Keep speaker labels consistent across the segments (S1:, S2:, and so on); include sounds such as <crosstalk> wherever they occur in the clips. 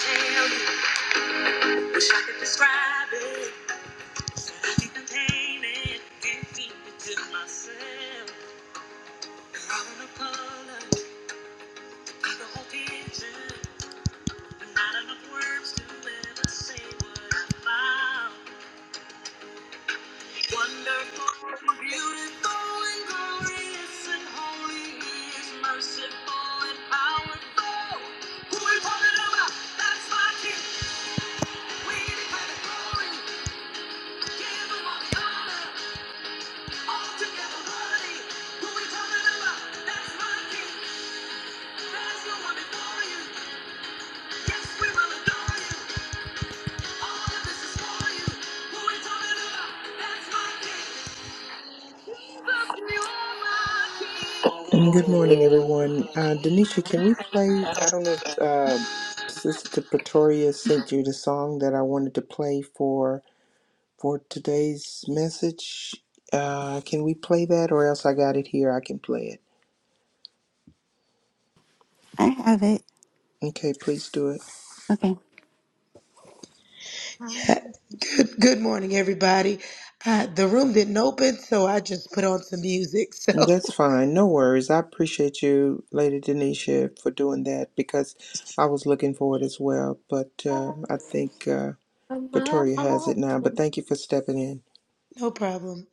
S1: tell Wish I could describe it. but I think the pain it can't keep it to myself. There are no colors, ain't the whole picture. And not enough words to ever say what I found. Wonderful, beautiful, and glorious, and holy He is merciful and powerful. Who we talking about? That's my King. We give Him all the glory, give Him all the honor.
S2: Um, Good morning, everyone. Uh, Denisha, can we play? I don't know if uh, Sister Pretoria sent you the song that I wanted to play for for today's message. Uh, can we play that, or else I got it here? I can play it.
S3: I have it.
S2: Okay, please do it.
S3: Okay.
S1: Yeah. Good, good morning, everybody. Uh, the room didn't open, so I just put on some music. <laughs> So
S2: That's fine. No worries. I appreciate you, Lady Denisha, for doing that because I was looking for it as well. But um I think uh, Pretoria has it now. But thank you for stepping in.
S1: no problem.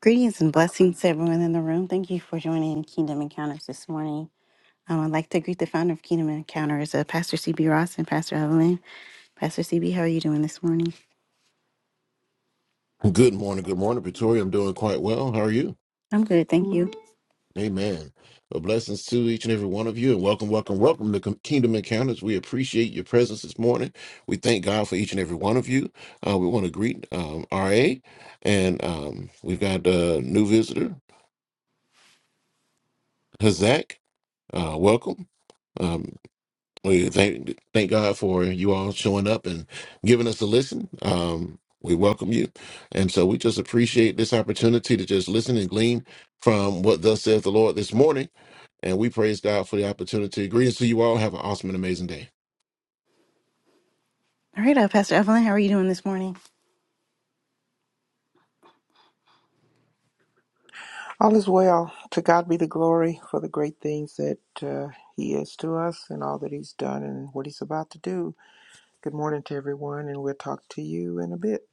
S3: Greetings and blessings to everyone in the room. Thank you for joining Kingdom Encounters this morning. Um, I'd like to greet the founder of Kingdom Encounters, uh, Pastor CB Ross and Pastor Evelyn. Pastor CB, how are you doing this morning?
S4: Good morning. Good morning, Pretoria. I'm doing quite well. How are you?
S3: I'm good, thank you.
S4: Amen. Well, blessings to each and every one of you, and welcome, welcome, welcome to Com- Kingdom Encounters. We appreciate your presence this morning. We thank God for each and every one of you. Uh, we want to greet um, RA, and um, we've got a new visitor, Hazak. Uh, welcome. Um, We thank thank God for you all showing up and giving us a listen. Um, we welcome you, and so we just appreciate this opportunity to just listen and glean from what thus says the Lord this morning. And we praise God for the opportunity. Greetings to you all. Have an awesome and amazing day.
S3: All right, uh, Pastor Evelyn, how are you doing this morning?
S2: All is well. To God be the glory for the great things that uh, He is to us and all that He's done and what He's about to do. Good morning to everyone, and we'll talk to you in a bit.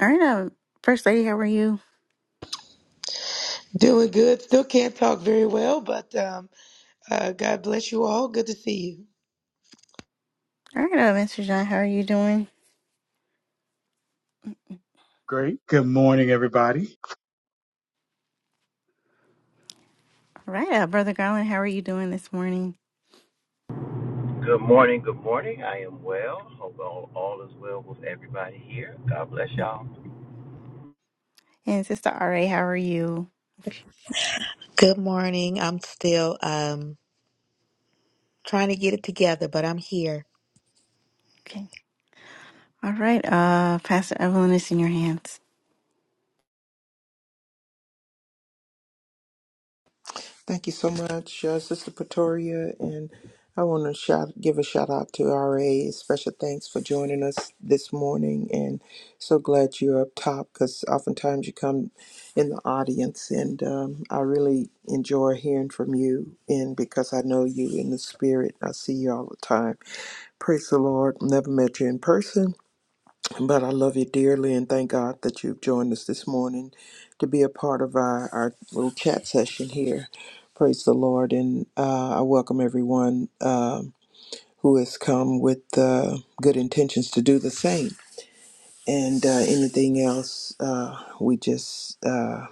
S3: All right, uh, First Lady, how are you?
S1: Doing good. Still can't talk very well, but um, uh, God bless you all. Good to see you.
S3: All right, uh, Mr. John, how are you doing?
S5: Great. Good morning, everybody.
S3: All right, uh, Brother Garland, how are you doing this morning?
S6: Good morning, good morning. I am well. Hope all, all is well with everybody here. God bless y'all.
S3: And Sister RA, how are you? Okay.
S7: Good morning. I'm still um trying to get it together, but I'm here.
S3: Okay. All right, uh, Pastor Evelyn, it's in your hands.
S2: Thank you so much, uh, Sister Pretoria. And I want to shout, give a shout out to RA. Special thanks for joining us this morning. And so glad you're up top because oftentimes you come in the audience, and um, I really enjoy hearing from you. And because I know you in the spirit, I see you all the time Praise the Lord. Never met you in person, but I love you dearly and thank God that you've joined us this morning to be a part of our, our little chat session here. Praise the Lord. And uh, I welcome everyone um who has come with uh, good intentions to do the same. And uh, anything else, uh, we just uh,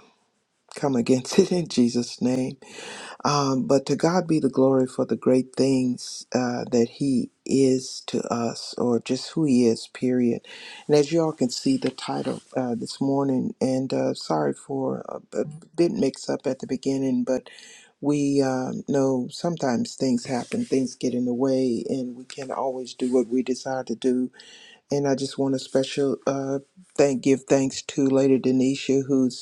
S2: come against <laughs> it in Jesus' name. Um, but to God be the glory for the great things uh, that He is to us, or just who He is, period. And as y'all can see, the title uh, this morning, and uh, sorry for a, a bit mix up at the beginning, but we um, know sometimes things happen, things get in the way, and we can't always do what we desire to do. And I just want a special uh, thank give thanks to Lady Denisha, who's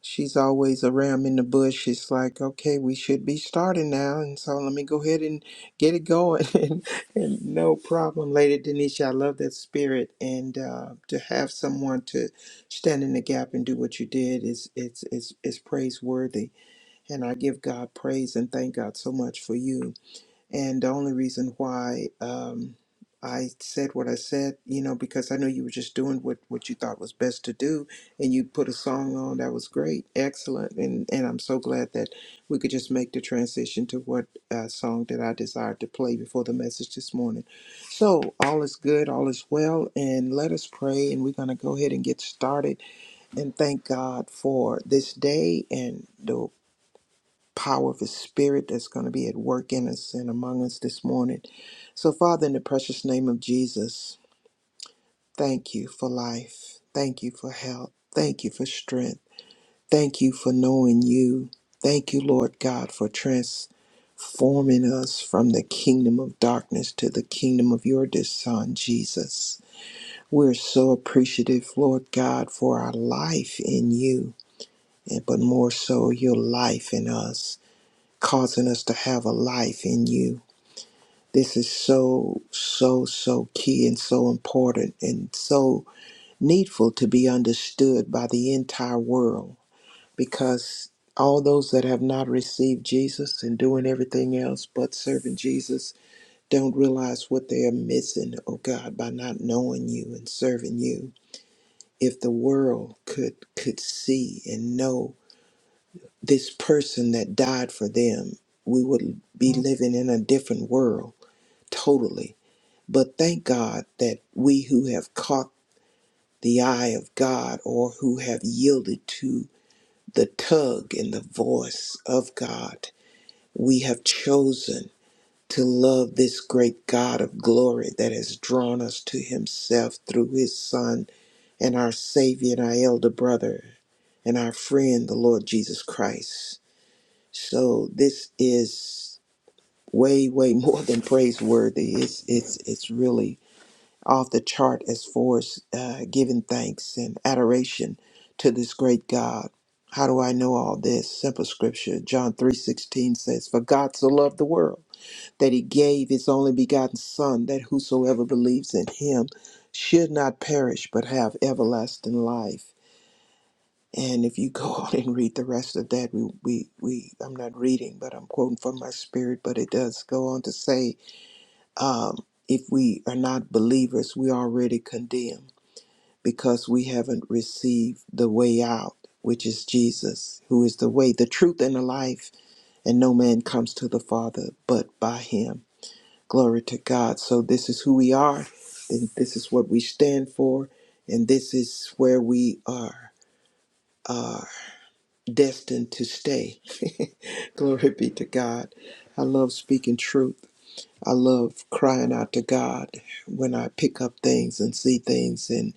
S2: She's always around in the bush. It's like, okay, we should be starting now. And so let me go ahead and get it going. <laughs> and, and no problem, Lady Denisha. I love that spirit. And uh, to have someone to stand in the gap and do what you did is, is, is, is praiseworthy. And I give God praise and thank God so much for you. And the only reason why um, I said what I said, you know, because I know you were just doing what, what you thought was best to do, and you put a song on that was great, excellent, and and I'm so glad that we could just make the transition to what uh, song that I desired to play before the message this morning. So all is good, all is well, and let us pray, and we're gonna go ahead and get started and thank God for this day and the power of His Spirit that's going to be at work in us and among us this morning. So, Father, in the precious name of Jesus, thank you for life. Thank you for health. Thank you for strength. Thank you for knowing you. Thank you, Lord God, for transforming us from the kingdom of darkness to the kingdom of your dear Son, Jesus. We're so appreciative, Lord God, for our life in you, and but more so your life in us causing us to have a life in you. This is so, so, so key and so important and so needful to be understood by the entire world because all those that have not received Jesus and doing everything else but serving Jesus don't realize what they are missing, oh God, by not knowing you and serving you. If the world could could see and know this person that died for them, we would be living in a different world totally. But thank God that we who have caught the eye of God or who have yielded to the tug and the voice of God, we have chosen to love this great God of glory that has drawn us to himself through his Son and our Savior and our elder brother and our friend, the Lord Jesus Christ. So this is way, way <laughs> more than praiseworthy. It's it's it's really off the chart as far as uh, giving thanks and adoration to this great God. How do I know all this? Simple scripture. John 3:16 says, "For God so loved the world that he gave his only begotten son that whosoever believes in him should not perish but have everlasting life." And if you go <laughs> on and read the rest of that, we, we, we I'm not reading, but I'm quoting from my spirit, but it does go on to say, um, if we are not believers, we are already condemned because we haven't received the way out, which is Jesus, who is the way, the truth, and the life. And no man comes to the Father but by him. Glory to God. So this is who we are, and this is what we stand for, and this is where we are uh, destined to stay. <laughs> Glory be to God. I love speaking truth. I love crying out to God when I pick up things and see things. and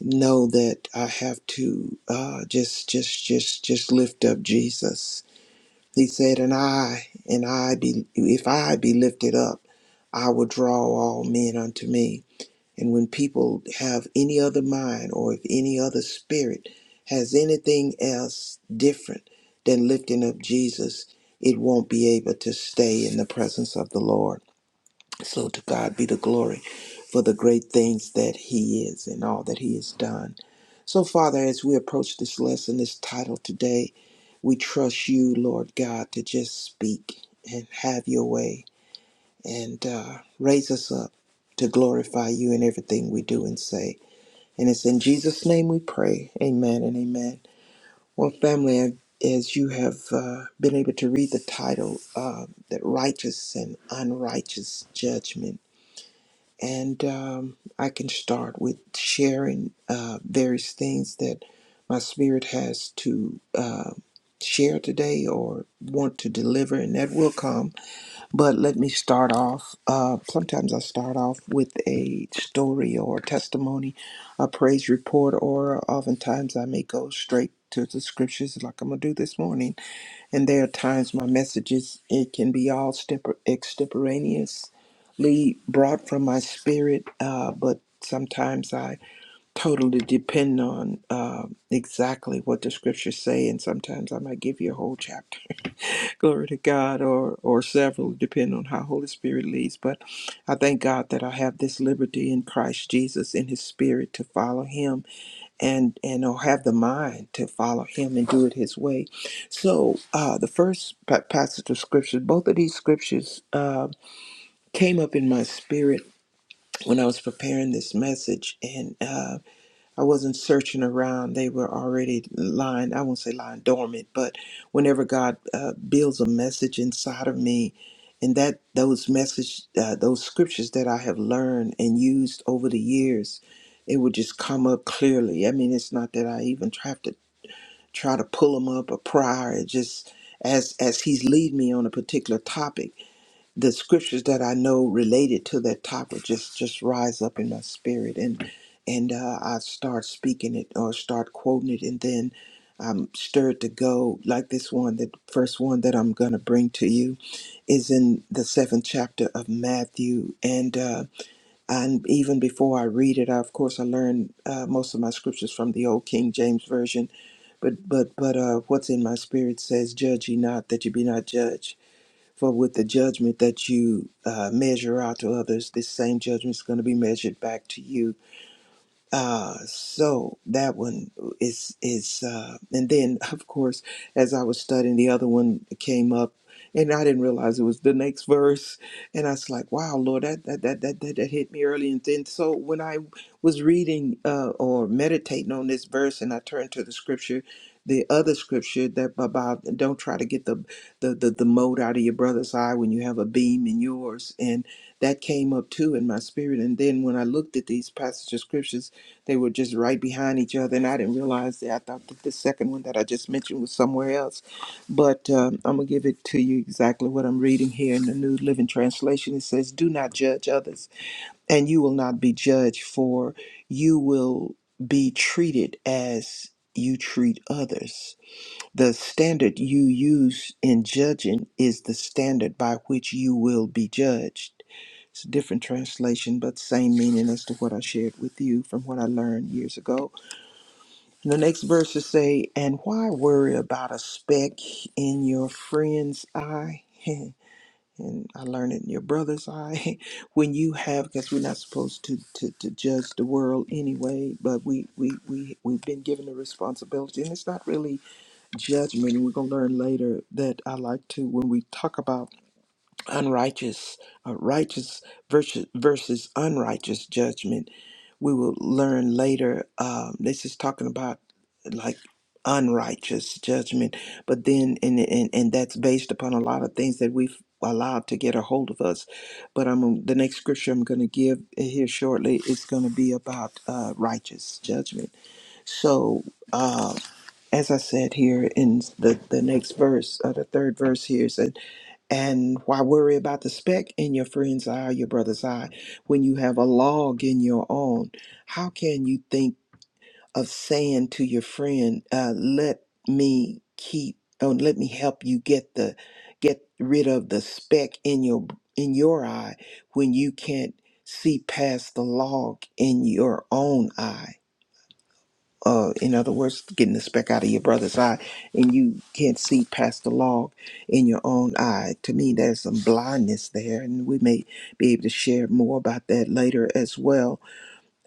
S2: know that I have to uh, just just just just lift up Jesus. He said, "And I and I be if I be lifted up, I will draw all men unto me." And when people have any other mind or if any other spirit has anything else different than lifting up Jesus, it won't be able to stay in the presence of the Lord. So to God be the glory for the great things that He is and all that He has done. So, Father, as we approach this lesson, this title today, we trust you, Lord God, to just speak and have your way and uh, raise us up to glorify you in everything we do and say. And it's in Jesus' name we pray. Amen and amen. Well, family, as you have uh, been able to read the title, uh, that righteous and unrighteous judgment and um, I can start with sharing uh, various things that my spirit has to uh, share today or want to deliver, and that will come. But let me start off. Uh, sometimes I start off with a story or testimony, a praise report, or oftentimes I may go straight to the scriptures like I'm going to do this morning and there are times my messages, it can be all stepper- extemporaneously brought from my spirit, uh, but sometimes I totally depend on uh, exactly what the scriptures say, and sometimes I might give you a whole chapter. <laughs> Glory to God, or, or several, depending on how Holy Spirit leads. But I thank God that I have this liberty in Christ Jesus in His Spirit to follow Him and and or have the mind to follow him and do it his way so uh the first pa- passage of scripture, both of these scriptures uh, came up in my spirit when i was preparing this message and uh, I wasn't searching around. They were already lying, I won't say lying dormant, but whenever God uh, builds a message inside of me, and that those message, uh, those scriptures that I have learned and used over the years, it would just come up clearly. I mean, it's not that I even have to try to pull them up or prior. It just as as He's lead me on a particular topic the scriptures that I know related to that topic just just rise up in my spirit and and uh, I start speaking it or start quoting it and then I'm stirred to go like this one the first one that I'm gonna bring to you is in the seventh chapter of Matthew and uh, and even before I read it I, of course I learned uh, most of my scriptures from the old King James version but but but uh, what's in my spirit says judge ye not that you be not judged for with the judgment that you uh, measure out to others, this same judgment is going to be measured back to you uh, so that one is is uh, and then <laughs> of course as I was studying the other one came up and I didn't realize it was the next verse and I was like wow Lord that that that that that, that hit me early and then so when I was reading uh, or meditating on this verse and I turned to the scripture the other scripture that about don't try to get the the the, the mote out of your brother's eye when you have a beam in yours and that came up too in my spirit and then when I looked at these passages of scriptures they were just right behind each other, and I didn't realize that. I thought that the second one that I just mentioned was somewhere else. But um, I'm going to give it to you exactly what I'm reading here in the New Living Translation. It says, Do not judge others, and you will not be judged, for you will be treated as you treat others. The standard you use in judging is the standard by which you will be judged. It's a different translation, but same meaning as to what I shared with you from what I learned years ago. And the next verses say, And why worry about a speck in your friend's eye? <laughs> And I learned it in your brother's eye. <laughs> When you have, because we're not supposed to, to, to judge the world anyway, but we, we, we, we've been given the responsibility. And it's not really judgment. And we're going to learn later that I like to, when we talk about unrighteous, uh, righteous versus, versus unrighteous judgment. We will learn later. Um, this is talking about like unrighteous judgment, but then and and and that's based upon a lot of things that we've allowed to get a hold of us. But I'm the next scripture I'm going to give here shortly is going to be about uh, righteous judgment. So. Uh, as I said here in the, the next verse, uh, the third verse here, says, and why worry about the speck in your friend's eye, your brother's eye, when you have a log in your own? How can you think of saying to your friend, uh, "Let me keep, oh, let me help you get the, get rid of the speck in your in your eye," when you can't see past the log in your own eye? uh, in other words, getting the speck out of your brother's eye, and you can't see past the log in your own eye. To me, there's some blindness there, and we may be able to share more about that later as well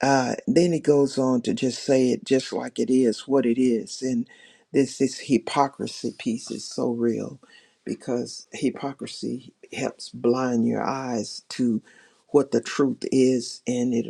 S2: uh, then he goes on to just say it just like it is, what it is. And this this hypocrisy piece is so real because hypocrisy helps blind your eyes to what the truth is and it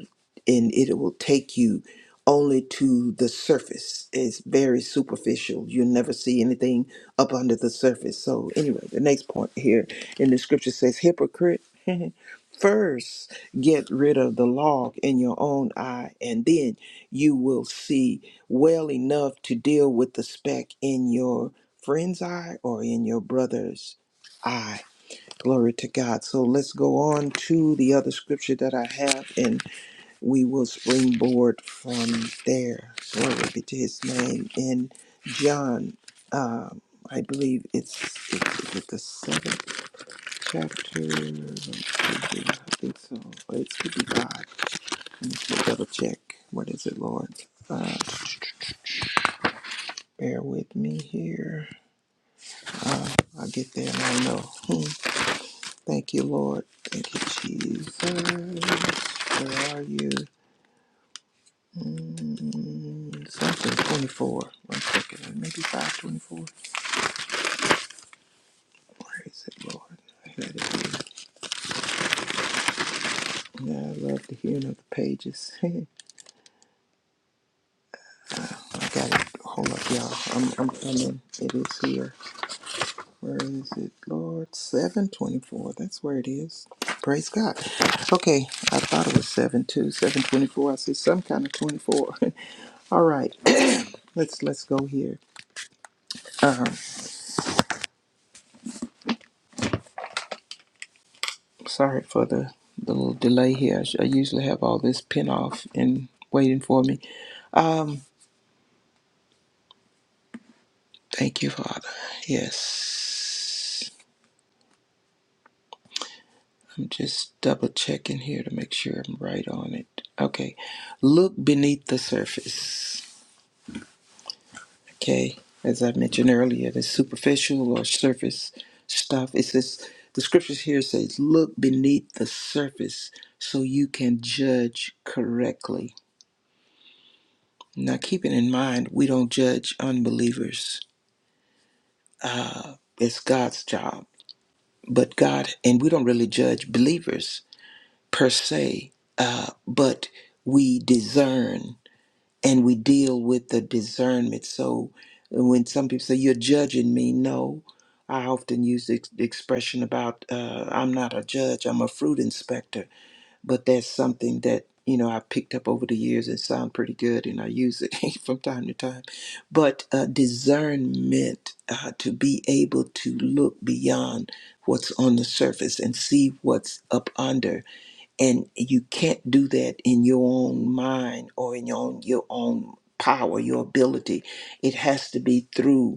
S2: and it will take you only to the surface. It's very superficial. You'll never see anything up under the surface. So anyway, the next point here in the scripture says hypocrite <laughs> first Get rid of the log in your own eye, and then you will see well enough to deal with the speck in your friend's eye or in your brother's eye. Glory to God. So let's go on to the other scripture that I have, and we will springboard from there. Glory be to his name. In John, um, I believe it's, it's is it the seventh chapter. I think so. It's fifty-five. Let me just double check. What is it, Lord? Uh, bear with me here. Uh, I'll get there and I know. Hmm. Thank you, Lord. Thank you, Jesus. Where are you? Mm, something 24. One second. Maybe 524. Where is it, Lord? I had it here. Yeah, I love the hearing of the pages. <laughs> I got it. Hold up, y'all. I'm, I'm coming. It is here. Where is it, Lord? 724. That's where it is. Praise God. Okay, I thought it was seven two, seven twenty-four. I see some kind of 24. <laughs> All right. <clears throat> let's let's go here. Sorry for the, the little delay here. I, sh- I usually have all this pin off and waiting for me. Thank you, Father. Yes. I'm just double checking here to make sure I'm right on it. Okay. Look beneath the surface. Okay, as I mentioned earlier, the superficial or surface stuff. It says the scriptures here says, "Look beneath the surface, so you can judge correctly." Now, keeping in mind, we don't judge unbelievers. It's God's job, but God and we don't really judge believers per se, uh, but we discern. and we deal with the discernment. So when some people say you're judging me, no, I often use the ex- the expression about uh, I'm not a judge, I'm a fruit inspector but that's something that you know I picked up over the years and sound pretty good, and I use it <laughs> from time to time. But uh, discernment uh, to be able to look beyond what's on the surface and see what's up under, and you can't do that in your own mind or in your own your own power, your ability. It has to be through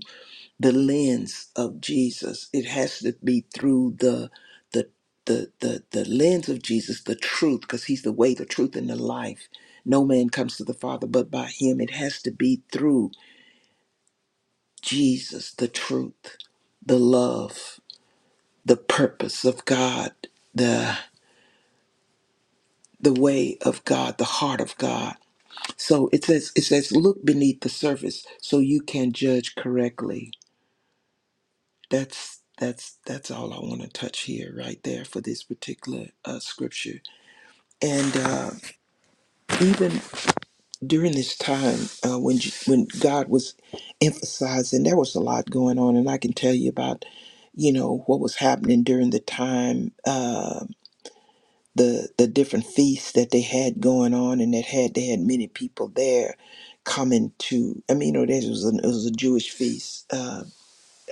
S2: the lens of Jesus. It has to be through the the the the, the lens of Jesus, the truth, because he's the way, the truth, and the life. No man comes to the Father but by him. It has to be through Jesus, the truth, the love, the purpose of God, the the way of God, the heart of God. So it says it says look beneath the surface so you can judge correctly That's that's that's all I want to touch here, right there, for this particular uh, scripture. And uh, even during this time, uh, when J- when God was emphasizing, there was a lot going on, and I can tell you about, you know, what was happening during the time, uh, the the different feasts that they had going on, and that had they had many people there coming to. I mean, you know, there was a, it was a Jewish feast. Uh,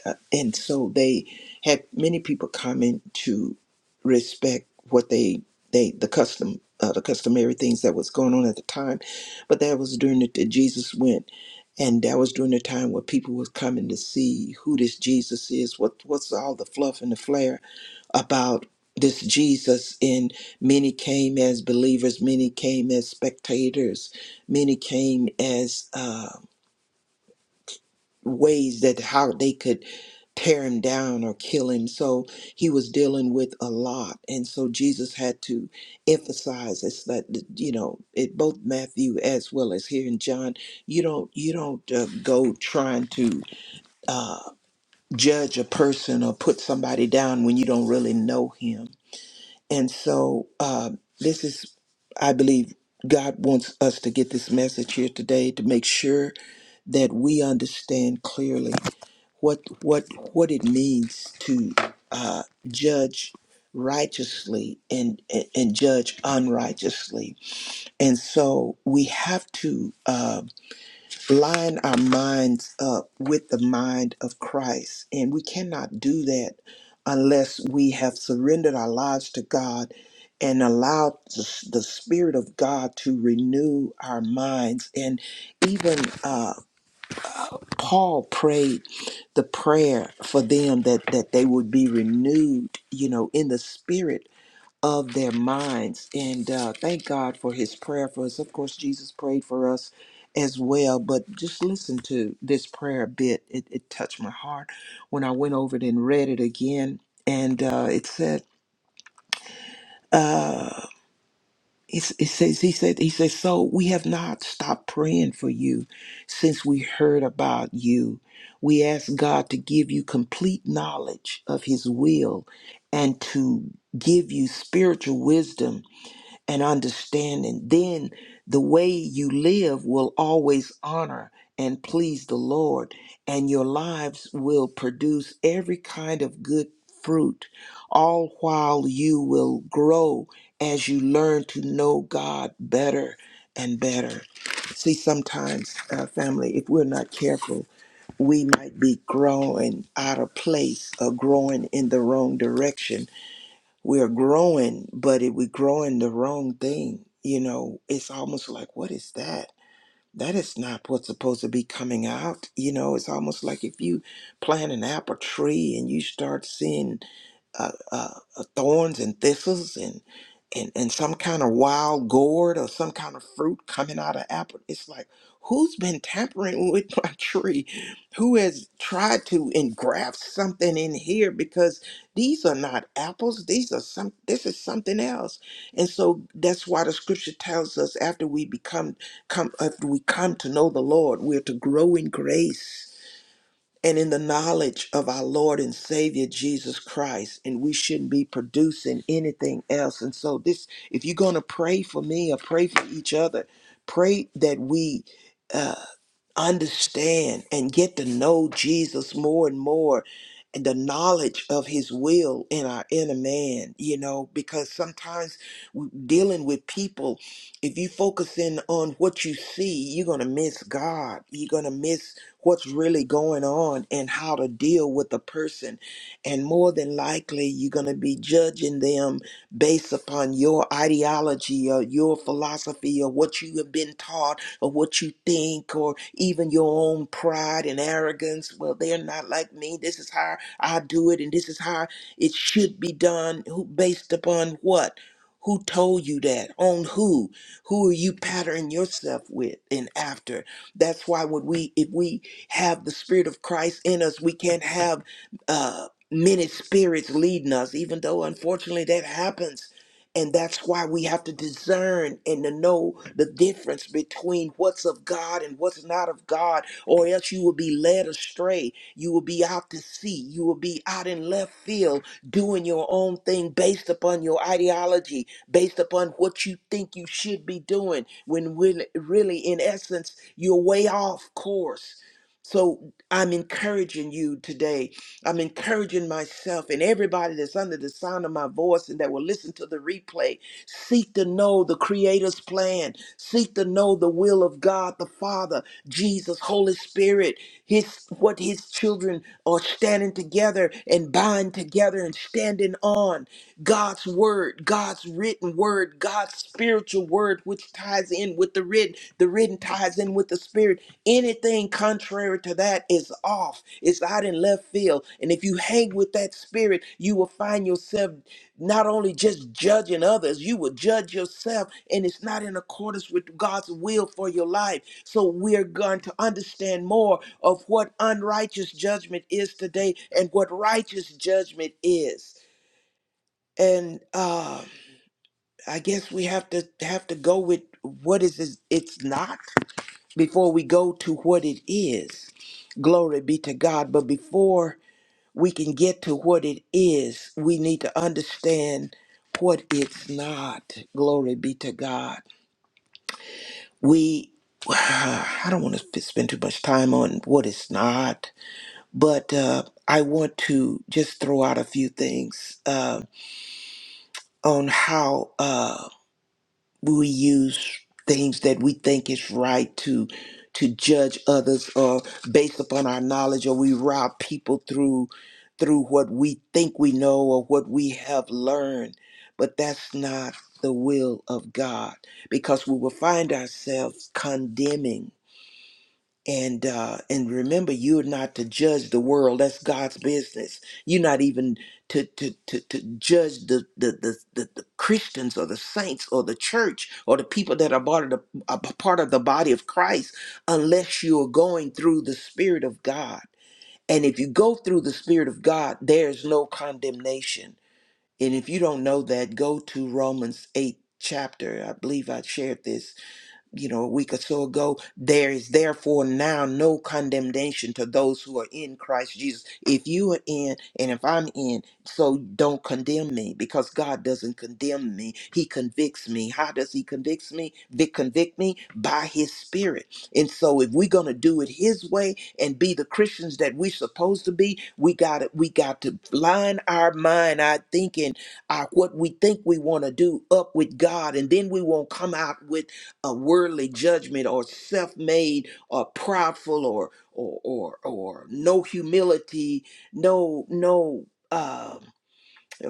S2: Uh, and so they had many people coming to respect what they they the custom uh, the customary things that was going on at the time but that was during the that jesus went and that was during the time where people was coming to see who this jesus is what what's all the fluff and the flair about this jesus and many came as believers many came as spectators many came as uh, ways that how they could tear him down or kill him. So he was dealing with a lot. And so Jesus had to emphasize it's that, you know, it both Matthew as well as here in John, you don't, you don't uh, go trying to uh, judge a person or put somebody down when you don't really know him. And so uh, this is, I believe, God wants us to get this message here today to make sure that we understand clearly what what what it means to uh, judge righteously and, and and judge unrighteously and so we have to uh, line our minds up with the mind of christ and we cannot do that unless we have surrendered our lives to god and allowed the, the spirit of god to renew our minds and even uh, Paul prayed the prayer for them that that they would be renewed, you know, in the spirit of their minds. And uh, thank God for His prayer for us. Of course, Jesus prayed for us as well. But just listen to this prayer a bit. It, it touched my heart when I went over it and read it again. And uh, it said. uh, it's, it says he said he says so we have not stopped praying for you since we heard about you. We ask God to give you complete knowledge of His will and to give you spiritual wisdom and understanding, then the way you live will always honor and please the Lord, and your lives will produce every kind of good fruit, all while you will grow as you learn to know God better and better. See, sometimes, uh, family, if we're not careful, we might be growing out of place or growing in the wrong direction we're growing, but it, we're growing the wrong thing. You know, it's almost like, what is that? That is not what's supposed to be coming out. You know, it's almost like if you plant an apple tree and you start seeing uh, uh, uh, thorns and thistles and, and and some kind of wild gourd or some kind of fruit coming out of apple. It's like who's been tampering with <laughs> my tree? Who has tried to engraft something in here? Because these are not apples. These are some. This is something else. And so that's why the scripture tells us after we become come after we come to know the Lord, we're to grow in grace and in the knowledge of our Lord and Savior Jesus Christ, and we shouldn't be producing anything else. And so, this, if you're going to pray for me or pray for each other, pray that we. uh, understand and get to know Jesus more and more and the knowledge of his will in our inner man, you know, because sometimes we- dealing with people, if you focus in on what you see, you're going to miss God. You're going to miss what's really going on and how to deal with the person. And more than likely, you're going to be judging them based upon your ideology or your philosophy or what you have been taught or what you think or even your own pride and arrogance. Well, they're not like me. This is how I do it and this is how it should be done. Who based upon what? Who told you that? On who? Who are you patterning yourself with and after? That's why would we if we have the spirit of Christ in us, we can't have uh many spirits leading us, even though unfortunately that happens and that's why we have to discern and to know the difference between what's of God and what's not of God, or else you will be led astray. You will be out to sea. You will be out in left field doing your own thing based upon your ideology, based upon what you think you should be doing, when really, really in essence, you're way off course. So I'm encouraging you today I'm encouraging myself and everybody that's under the sound of my voice and that will listen to the replay. Seek to know the Creator's plan. Seek to know the will of God, the Father, Jesus, Holy Spirit, His what His children are standing together and bind together and standing on. God's word, God's written word, God's spiritual word, which ties in with the written. The written ties in with the spirit Anything contrary to that is off. It's out in left field. And if you hang with that spirit, you will find yourself not only just judging others, you will judge yourself. And it's not in accordance with God's will for your life. So we're going to understand more of what unrighteous judgment is today and what righteous judgment is. And uh, I guess we have to have to go with what is it- it's not before we go to what it is. Glory be to God. But before we can get to what it is, we need to understand what it's not. Glory be to God. We, <sighs> I don't want to spend too much time on what it's not, but uh, I want to just throw out a few things uh, on how. uh, we use things that we think is right to to judge others or based upon our knowledge or we rob people through through what we think we know or what we have learned but that's not the will of God because we will find ourselves condemning and uh and remember you're not to judge the world that's god's business you're not even to to to, to judge the the, the the the christians or the saints or the church or the people that are part of the a part of the body of christ unless you are going through the spirit of god and if you go through the spirit of god there's no condemnation and if you don't know that go to romans 8 chapter i believe i shared this you know, a week or so ago, there is therefore now no condemnation to those who are in Christ Jesus. If you are in, and if I'm in, so don't condemn me because God doesn't condemn me. He convicts me. How does He convict me? Vic convict me by His Spirit. And so, if we're gonna do it His way and be the Christians that we're supposed to be, we got it. We got to line our mind, our thinking, our what we think we want to do up with God, and then we won't come out with a worldly judgment or self-made or prideful or or or, or no humility, no no. Uh,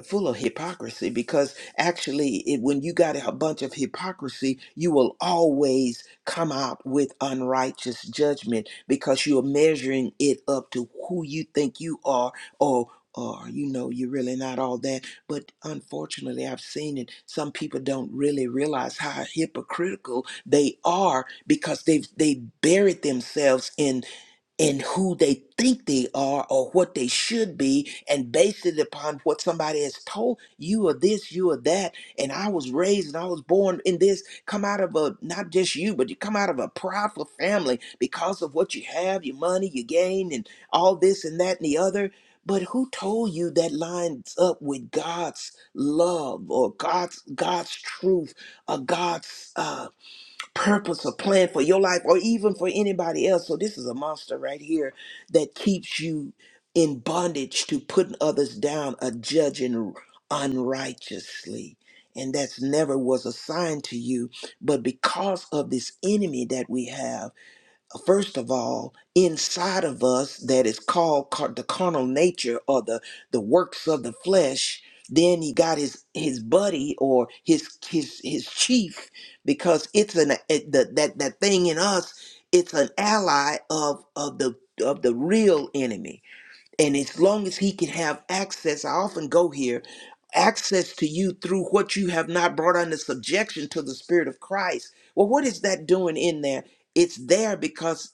S2: full of hypocrisy because actually it, when you got a bunch of hypocrisy you will always come out with unrighteous judgment because you're measuring it up to who you think you are or or you know you're really not all that but unfortunately i've seen it some people don't really realize how hypocritical they are because they've they buried themselves in who they think they are or what they should be and base it upon what somebody has told you are this you are that and i was raised and i was born in this come out of a not just you but you come out of a proudful family because of what you have your money your gain and all this and that and the other but who told you that lines up with god's love or god's god's truth or god's uh purpose or plan for your life or even for anybody else. So this is a monster right here that keeps you in bondage to putting others down or judging unrighteously. And that's never was assigned to you. But because of this enemy that we have, first of all inside of us that is called car- the carnal nature or the the works of the flesh then he got his his buddy or his his his chief because it's an it, the, that that thing in us it's an ally of of the of the real enemy and as long as he can have access i often go here access to you through what you have not brought under subjection to the spirit of christ well what is that doing in there it's there because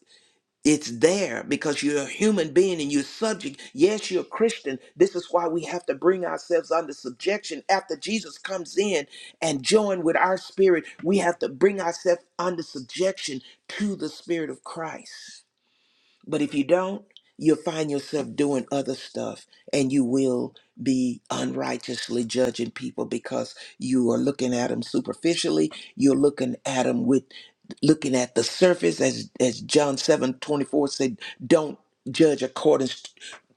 S2: it's there because you're a human being and you're subject. Yes, you're a Christian. This is why we have to bring ourselves under subjection after Jesus comes in and join with our spirit. We have to bring ourselves under subjection to the spirit of Christ. But if you don't, you'll find yourself doing other stuff and you will be unrighteously judging people because you are looking at them superficially. You're looking at them with looking at the surface as as John 7 24 said, don't judge according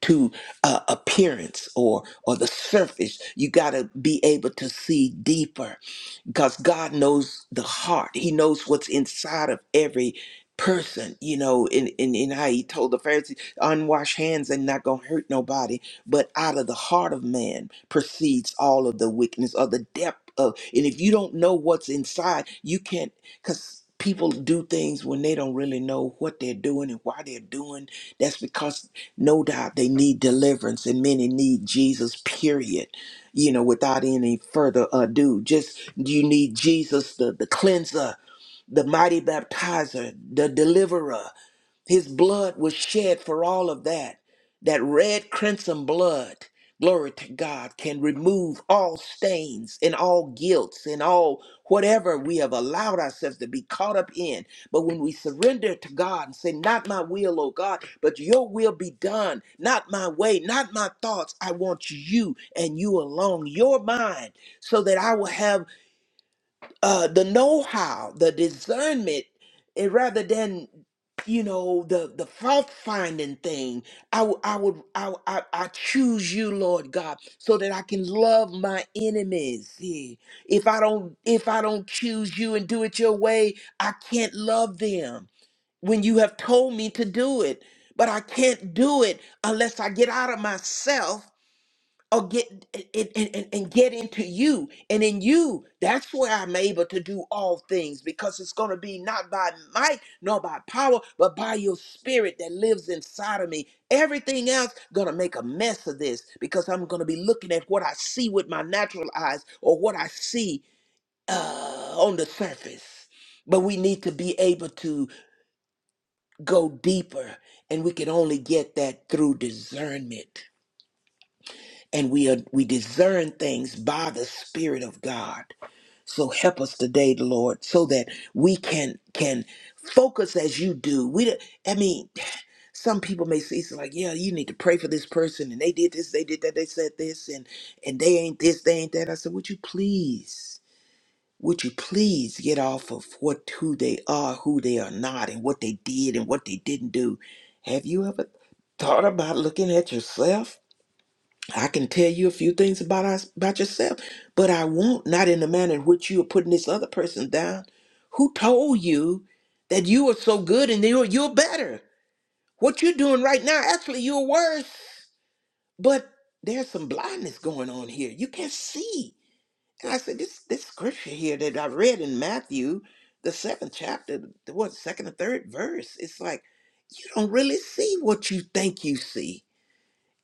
S2: to uh, appearance or or the surface. You got to be able to see deeper because God knows the heart. He knows what's inside of every person, you know, in in, in how he told the Pharisees, unwashed hands ain't not gonna hurt nobody. But out of the heart of man proceeds all of the wickedness or the depth of and if you don't know what's inside, you can't because people do things when they don't really know what they're doing and why they're doing. That's because no doubt they need deliverance and many need Jesus, period you know, without any further ado. Just you need Jesus, the, the cleanser, the mighty baptizer, the deliverer. His blood was shed for all of that. That red crimson blood, glory to God, can remove all stains and all guilts and all whatever we have allowed ourselves to be caught up in. But when we surrender to God and say, Not my will, O God, but your will be done, not my way, not my thoughts, I want you and you alone, your mind, so that I will have uh, the know-how, the discernment, and rather than you know the the fault finding thing, I would I would I, I I choose you, Lord God, so that I can love my enemies. Yeah. If I don't if I don't choose you and do it your way, I can't love them when you have told me to do it. But I can't do it unless I get out of myself or get and, and, and and get into you and in you that's where i'm able to do all things because it's going to be not by might nor by power but by your spirit that lives inside of me everything else going to make a mess of this because i'm going to be looking at what i see with my natural eyes or what i see uh, on the surface but we need to be able to go deeper and we can only get that through discernment and we are, we discern things by the spirit of god so help us today lord so that we can can focus as you do we don't- i mean some people may say it's like yeah you need to pray for this person and they did this they did that they said this and and they ain't this they ain't that i said would you please would you please get off of what who they are who they are not and what they did and what they didn't do have you ever thought about looking at yourself I can tell you a few things about us about yourself, but I won't not in the manner in which you are putting this other person down. Who told you that you are so good and you're you're better? What you're doing right now, actually, you're worse. But there's some blindness going on here. You can't see. And I said, this this scripture here that I read in Matthew, the seventh chapter, the what second or third verse, it's like you don't really see what you think you see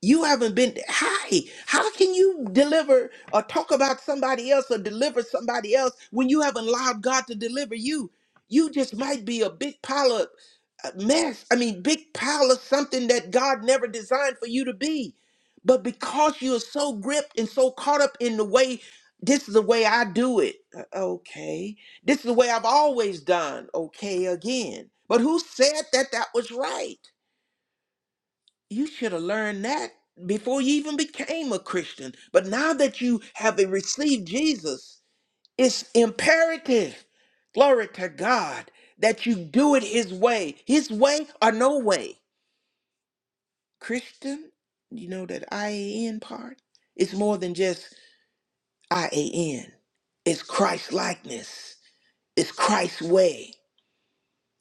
S2: you haven't been hi. How can you deliver or talk about somebody else or deliver somebody else when you haven't allowed God to deliver you? You just might be a big pile of uh, mess. I mean, big pile of something that God never designed for you to be. But because you're so gripped and so caught up in the way, this is the way I do it. Uh, Okay. This is the way I've always done. Okay, again. But who said that that was right? You should have learned that before you even became a Christian. But now that you have received Jesus, it's imperative, glory to God, that you do it His way, His way or no way. Christian, you know that IAN part? It's more than just IAN, it's Christ likeness, it's Christ's way,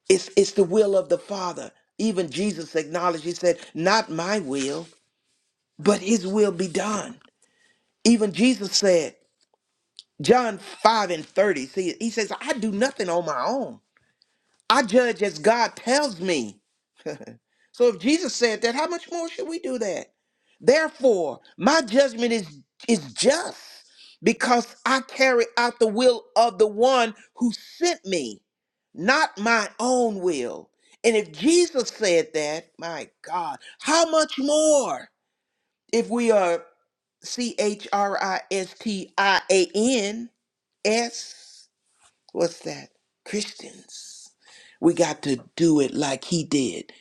S2: it's, it's the will of the Father. Even Jesus acknowledged, He said, Not my will, but His will be done. Even Jesus said, John 5 and 30, see, he says, I do nothing on my own. I judge as God tells me. So if Jesus said that, how much more should we do that? Therefore, my judgment is, is just because I carry out the will of the one who sent me, not my own will. And if Jesus said that, my God, how much more if we are C H R I S T I A N? as what's that christians we got to do it like he did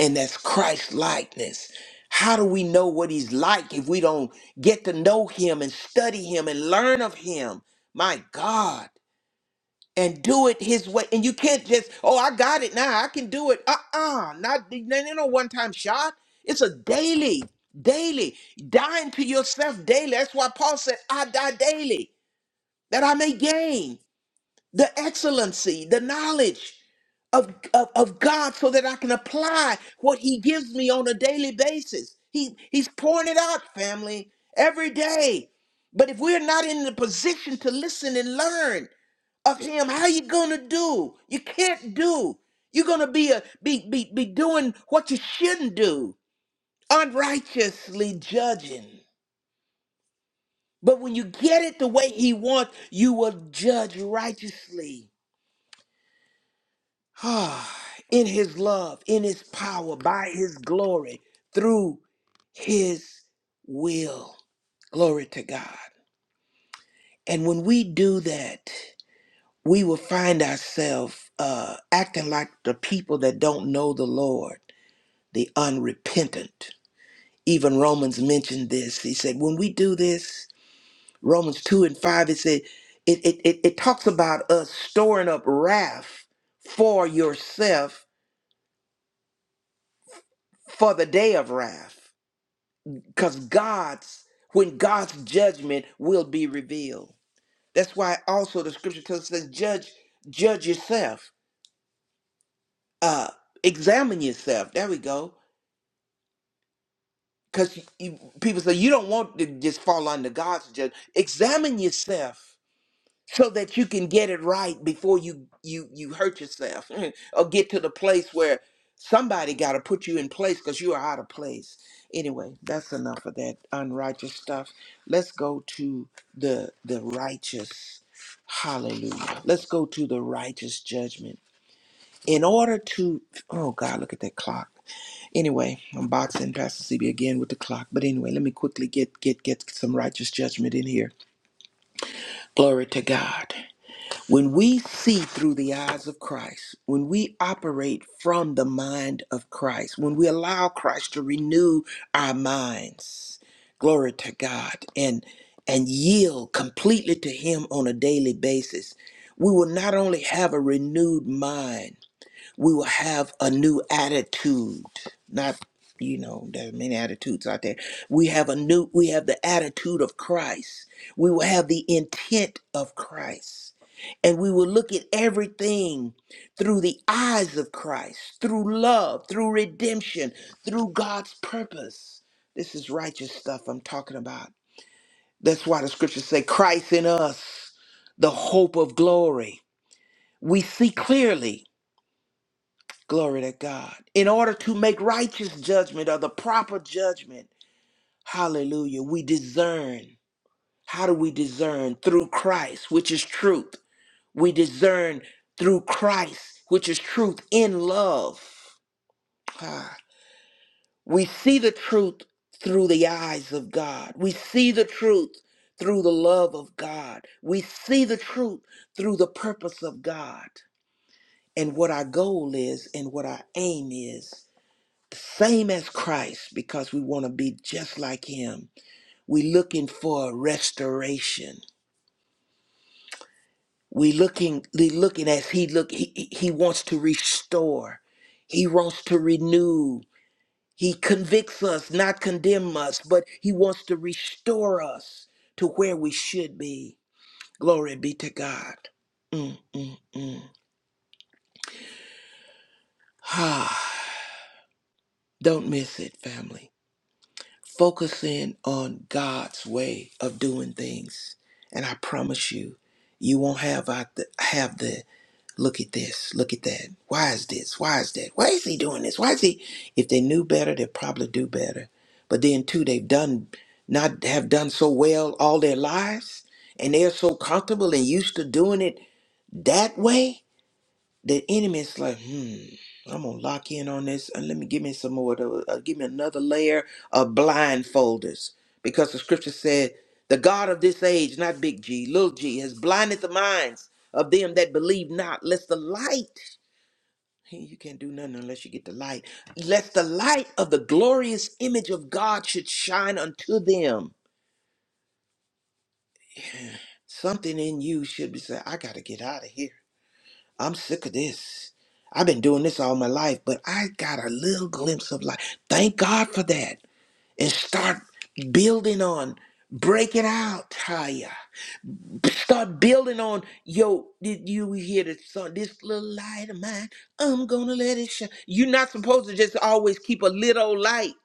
S2: and that's christ likeness how do we know what he's like if we don't get to know him and study him and learn of him my god and do it his way and you can't just oh i got it now i can do it uh-uh not you know one time shot it's a daily daily dying to yourself daily that's why paul said i die daily that i may gain the excellency, the knowledge of, of, of God so that I can apply what He gives me on a daily basis. He, he's pouring it out, family, every day. But if we're not in the position to listen and learn of Him, how you gonna do? You can't do. You're gonna be a be, be be doing what you shouldn't do, unrighteously judging. But when you get it the way He wants, you will judge righteously. <sighs> in his love, in his power, by his glory, through his will. Glory to God. And when we do that, we will find ourselves uh, acting like the people that don't know the Lord, the unrepentant. Even Romans mentioned this. He said, when we do this, Romans 2 and 5, it said, it, it, it, it talks about us storing up wrath for yourself for the day of wrath. because God's when God's judgment will be revealed. That's why also the scripture tells us says, judge judge yourself, uh, examine yourself. There we go. Because people say you don't want to just fall under God's judgment. Examine yourself so that you can get it right before you you you hurt yourself <laughs> or get to the place where somebody got to put you in place because you are out of place anyway that's enough of that unrighteous stuff let's go to the the righteous hallelujah let's go to the righteous judgment in order to oh god look at that clock anyway i'm boxing pastor cb again with the clock but anyway let me quickly get get get some righteous judgment in here glory to god when we see through the eyes of Christ, when we operate from the mind of Christ, when we allow Christ to renew our minds, glory to God, and and yield completely to him on a daily basis, we will not only have a renewed mind, we will have a new attitude. Not, you know, there are many attitudes out there. We have a new, we have the attitude of Christ. We will have the intent of Christ. And we will look at everything through the eyes of Christ, through love, through redemption, through God's purpose. This is righteous stuff I'm talking about. That's why the scriptures say, Christ in us, the hope of glory. We see clearly Glory to God. In order to make righteous judgment or the proper judgment, hallelujah, we discern. How do we discern? Through Christ, which is truth. We discern through Christ, which is truth in love. Ah. We see the truth through the eyes of God. We see the truth through the love of God. We see the truth through the purpose of God and what our goal is and what our aim is same as Christ because we want to be just like him. We looking for restoration. We looking we looking as he look he, he he wants to restore. He wants to renew. He convicts us, not condemn us, but he wants to restore us to where we should be. Glory be to God. Mm, mm, mm. <sighs> Ah, don't miss it, family. focusing on God's way of doing things. And I promise you, you won't have out the, have the look at this, look at that. Why is this? Why is that? Why is he doing this? Why is he? If they knew better, they'd probably do better. But then too, they've done not have done so well all their lives, and they're so comfortable and used to doing it that way the enemy is like, hmm, I'm gonna lock in on this and let me give me some more, of those- uh, give me another layer of blindfolders because the scripture said, the God of this age, not big G, little g, has blinded the minds of them that believe not, lest the light. hey, You can't do nothing unless you get the light. Lest the light of the glorious image of God should shine unto them. Something in you should be saying, I got to get out of here. I'm sick of this. I've been doing this all my life, but I got a little glimpse of life. Thank God for that. And start building on breaking out, Taya. Start building on, yo, did you hear the song? This little light of mine, I'm gonna let it shine. You're not supposed to just always keep a little light.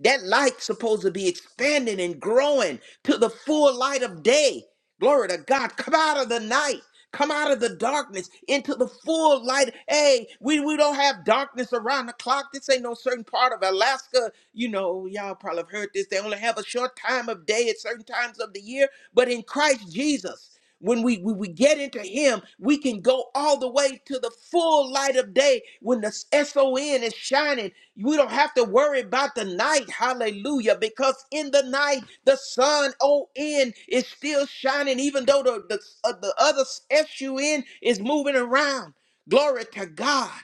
S2: That light supposed to be expanding and growing to the full light of day. Glory to God. Come out of the night. Come out of the darkness into the full light. Hey, we, we don't have darkness around the clock. This ain't no certain part of Alaska. You know, y'all probably have heard this. They only have a short time of day at certain times of the year. But in Christ Jesus, when we, we, we get into Him, we can go all the way to the full light of day when the SON is shining. We don't have to worry about the night. Hallelujah. Because in the night, the sun on is still shining, even though the, the, uh, the other sun is moving around. Glory to God.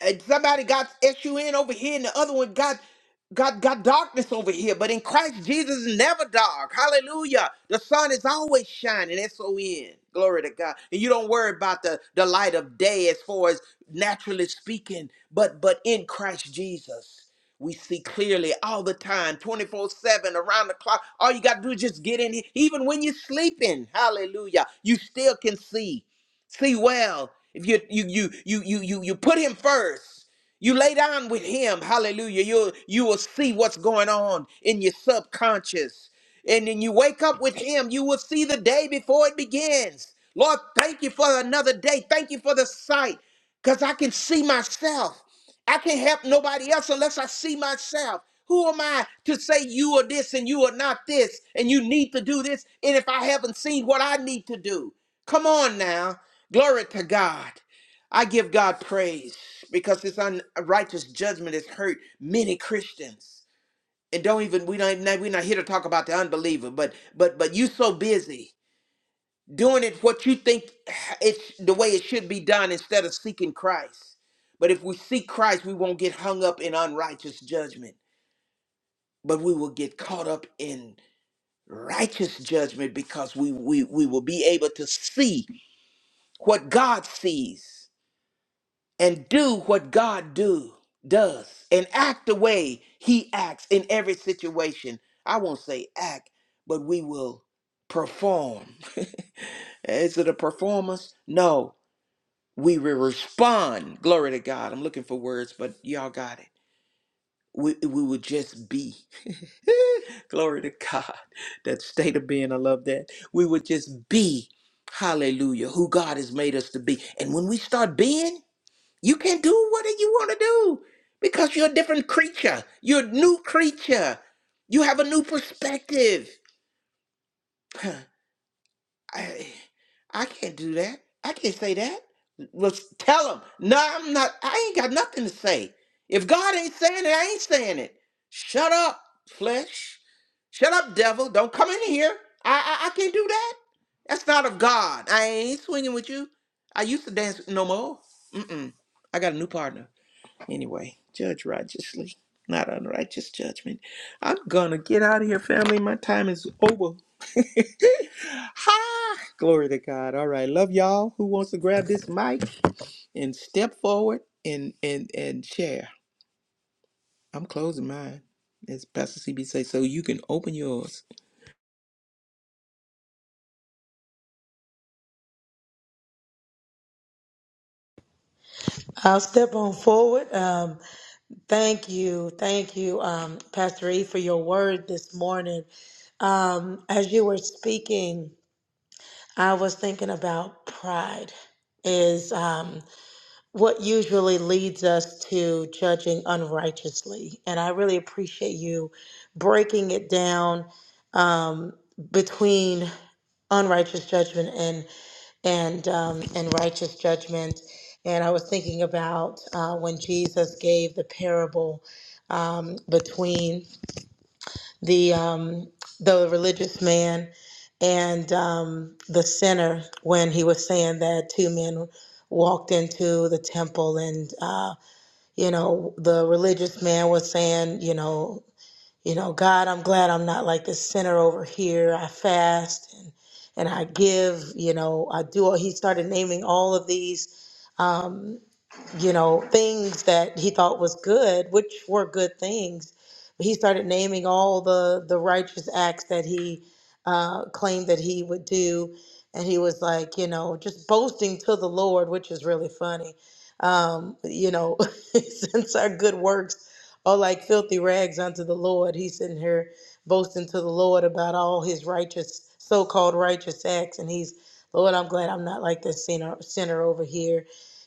S2: And somebody got S-U-N over here, and the other one got got got darkness over here. But in Christ Jesus is never dark. Hallelujah. The sun is always shining. S-O-N. Glory to God. And you don't worry about the, the light of day as far as naturally speaking. But but in Christ Jesus, we see clearly all the time, 24 7, around the clock. All you got to do is just get in here. Even when you're sleeping, hallelujah, you still can see. See well. If you you you you you you you put him first, you lay down with him, hallelujah. You you will see what's going on in your subconscious. And then you wake up with him, you will see the day before it begins. Lord, thank you for another day. Thank you for the sight. Because I can see myself. I can't help nobody else unless I see myself. Who am I to say you are this and you are not this and you need to do this? And if I haven't seen what I need to do, come on now. Glory to God. I give God praise because this unrighteous judgment has hurt many Christians. And don't even we don't even we're not here to talk about the unbeliever, but but but you so busy doing it what you think it's the way it should be done instead of seeking Christ. But if we seek Christ, we won't get hung up in unrighteous judgment, but we will get caught up in righteous judgment because we we, we will be able to see what God sees and do what God do does and act the way he acts in every situation. I won't say act, but we will perform. <laughs> Is it a performance? No, we will respond. Glory to God. I'm looking for words, but y'all got it. We, we would just be. <laughs> Glory to God. That state of being, I love that. We would just be, hallelujah, who God has made us to be. And when we start being, you can do what you want to do because you're a different creature. You're a new creature. You have a new perspective. <sighs> I, I can't do that. I can't say that. Let's tell him. No, I'm not. I ain't got nothing to say. If God ain't saying it, I ain't saying it. Shut up, flesh. Shut up, devil. Don't come in here. I, I, I can't do that. That's not of God. I ain't swinging with you. I used to dance no more. Mm-mm. I got a new partner. Anyway, judge righteously, not unrighteous judgment. I'm gonna get out of here, family. My time is over. <laughs> ha! Glory to God. All right. Love y'all. Who wants to grab this mic and step forward and and and share? I'm closing mine. As Pastor CB say, so you can open yours.
S1: I'll step on forward. Um, Thank you. Thank you, um, Pastor E, for your word this morning. Um, as you were speaking, I was thinking about pride is um, what usually leads us to judging unrighteously. And I really appreciate you breaking it down um, between unrighteous judgment and and um, and righteous judgment. And I was thinking about uh, when Jesus gave the parable um, between the um, the religious man and um, the sinner, when he was saying that two men walked into the temple, and uh, you know the religious man was saying, you know you know, God, I'm glad I'm not like this sinner over here. I fast and and I give, you know, I do all he started naming all of these um, you know, things that he thought was good, which were good things. he started naming all the the righteous acts that he uh, claimed that he would do, and he was like, you know, just boasting to the Lord, which is really funny. Um, you know, <laughs> since our good works are like filthy rags unto the Lord, he's sitting here boasting to the Lord about all his righteous, so-called righteous acts, and he's, Lord, I'm glad I'm not like this sinner, sinner over here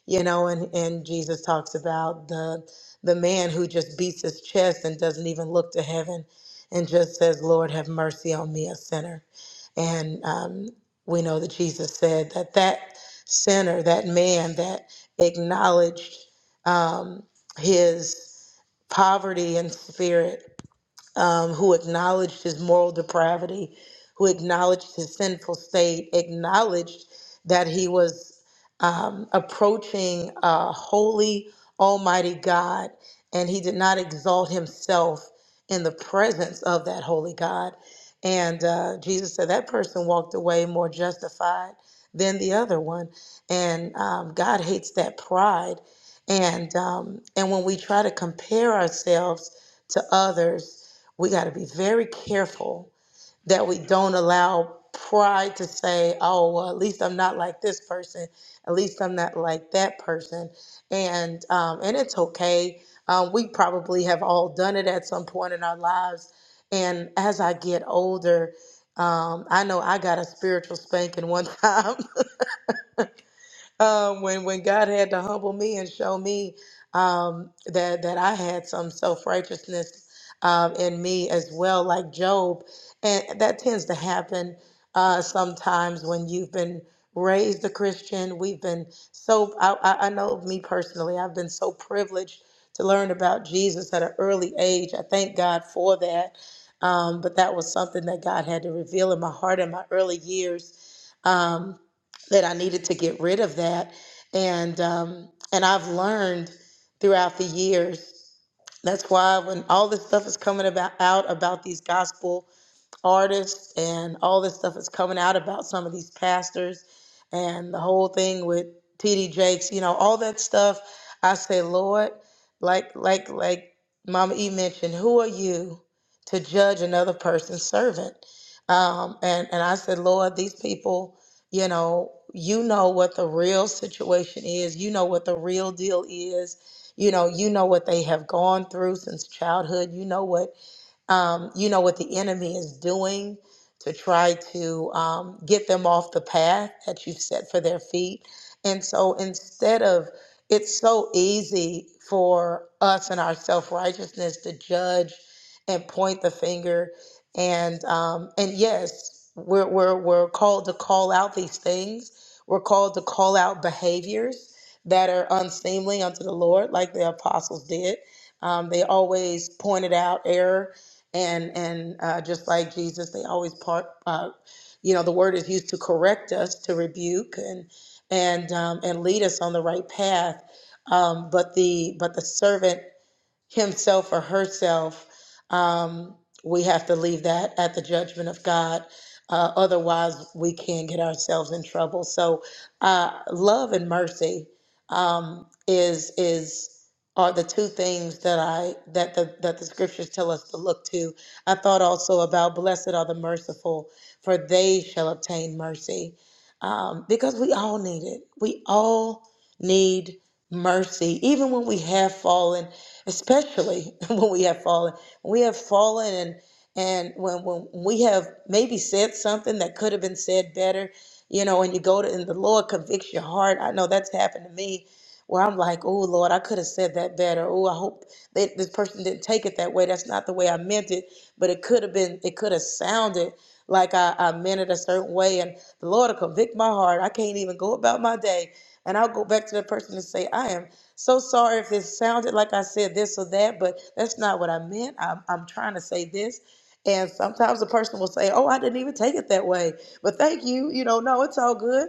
S1: you know and and jesus talks about the the man who just beats his chest and doesn't even look to heaven and just says lord have mercy on me a sinner and um, we know that jesus said that that sinner that man that acknowledged um, his poverty in spirit um, who acknowledged his moral depravity, who acknowledged his sinful state, acknowledged that he was um, approaching a holy, almighty God, and he did not exalt himself in the presence of that holy God. And uh, Jesus said that person walked away more justified than the other one. And um, God hates that pride. And um, and when we try to compare ourselves to others, we got to be very careful that we don't allow pride to say, oh, well, at least I'm not like this person. At least I'm not like that person. And, um, and it's okay. Um, we probably have all done it at some point in our lives. And as I get older, um, I know I got a spiritual spanking one time <laughs> um, when when God had to humble me and show me um, that that I had some self righteousness um, in me as well, like Job, and that tends to happen uh, sometimes when you've been raised a Christian. We've been so I, I I know of me personally, I've been so privileged to learn about Jesus at an early age. I thank God for that. Um, but that was something that God had to reveal in my heart in my early years. Um, that I needed to get rid of that. And um, and I've learned throughout the years. That's why when all this stuff is coming about out about these gospel artists and all this stuff is coming out about some of these pastors and the whole thing with PD Jakes, you know, all that stuff. I say, Lord, like like like Mama E mentioned, who are you to judge another person's servant? Um, and and I said, Lord, these people, you know, you know what the real situation is. You know what the real deal is. You know, you know what they have gone through since childhood. You know what um, you know what the enemy is doing to try to um, get them off the path that you've set for their feet. And so instead of, it's so easy for us and our self righteousness to judge and point the finger. And um, and yes, we're, we're, we're called to call out these things. We're called to call out behaviors that are unseemly unto the Lord, like the apostles did. Um, they always pointed out error and and uh, just like Jesus, they always part. Uh, you know, the word is used to correct us, to rebuke, and and um, and lead us on the right path. Um, but the but the servant himself or herself, um, we have to leave that at the judgment of God. Uh, otherwise, we can get ourselves in trouble. So, uh, love and mercy um, is is are the two things that I that the that the scriptures tell us to look to. I thought also about blessed are the merciful, for they shall obtain mercy. Um, because we all need it. We all need mercy, even when we have fallen especially <laughs> when we have fallen. When we have fallen and and when, when we have maybe said something that could have been said better, you know, and you go to and the Lord convicts your heart. I know that's happened to me where I'm like, oh Lord, I could have said that better. Oh, I hope that this person didn't take it that way. That's not the way I meant it. But it could have been, it could have sounded like I, I meant it a certain way. And the Lord will convict my heart. I can't even go about my day. And I'll go back to the person and say, I am so sorry if this sounded like I said this or that, but that's not what I meant. I'm, I'm trying to say this. And sometimes the person will say, Oh, I didn't even take it that way. But thank you. You know, no, it's all good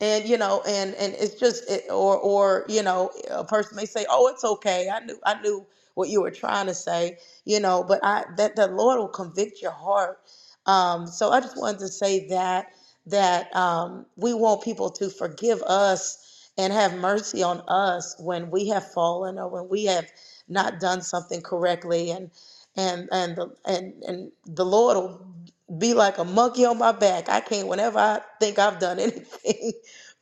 S1: and you know and and it's just it, or or you know a person may say oh it's okay i knew i knew what you were trying to say you know but i that the lord will convict your heart um so i just wanted to say that that um we want people to forgive us and have mercy on us when we have fallen or when we have not done something correctly and and and the, and and the lord will be like a monkey on my back. I can't whenever I think I've done anything <laughs>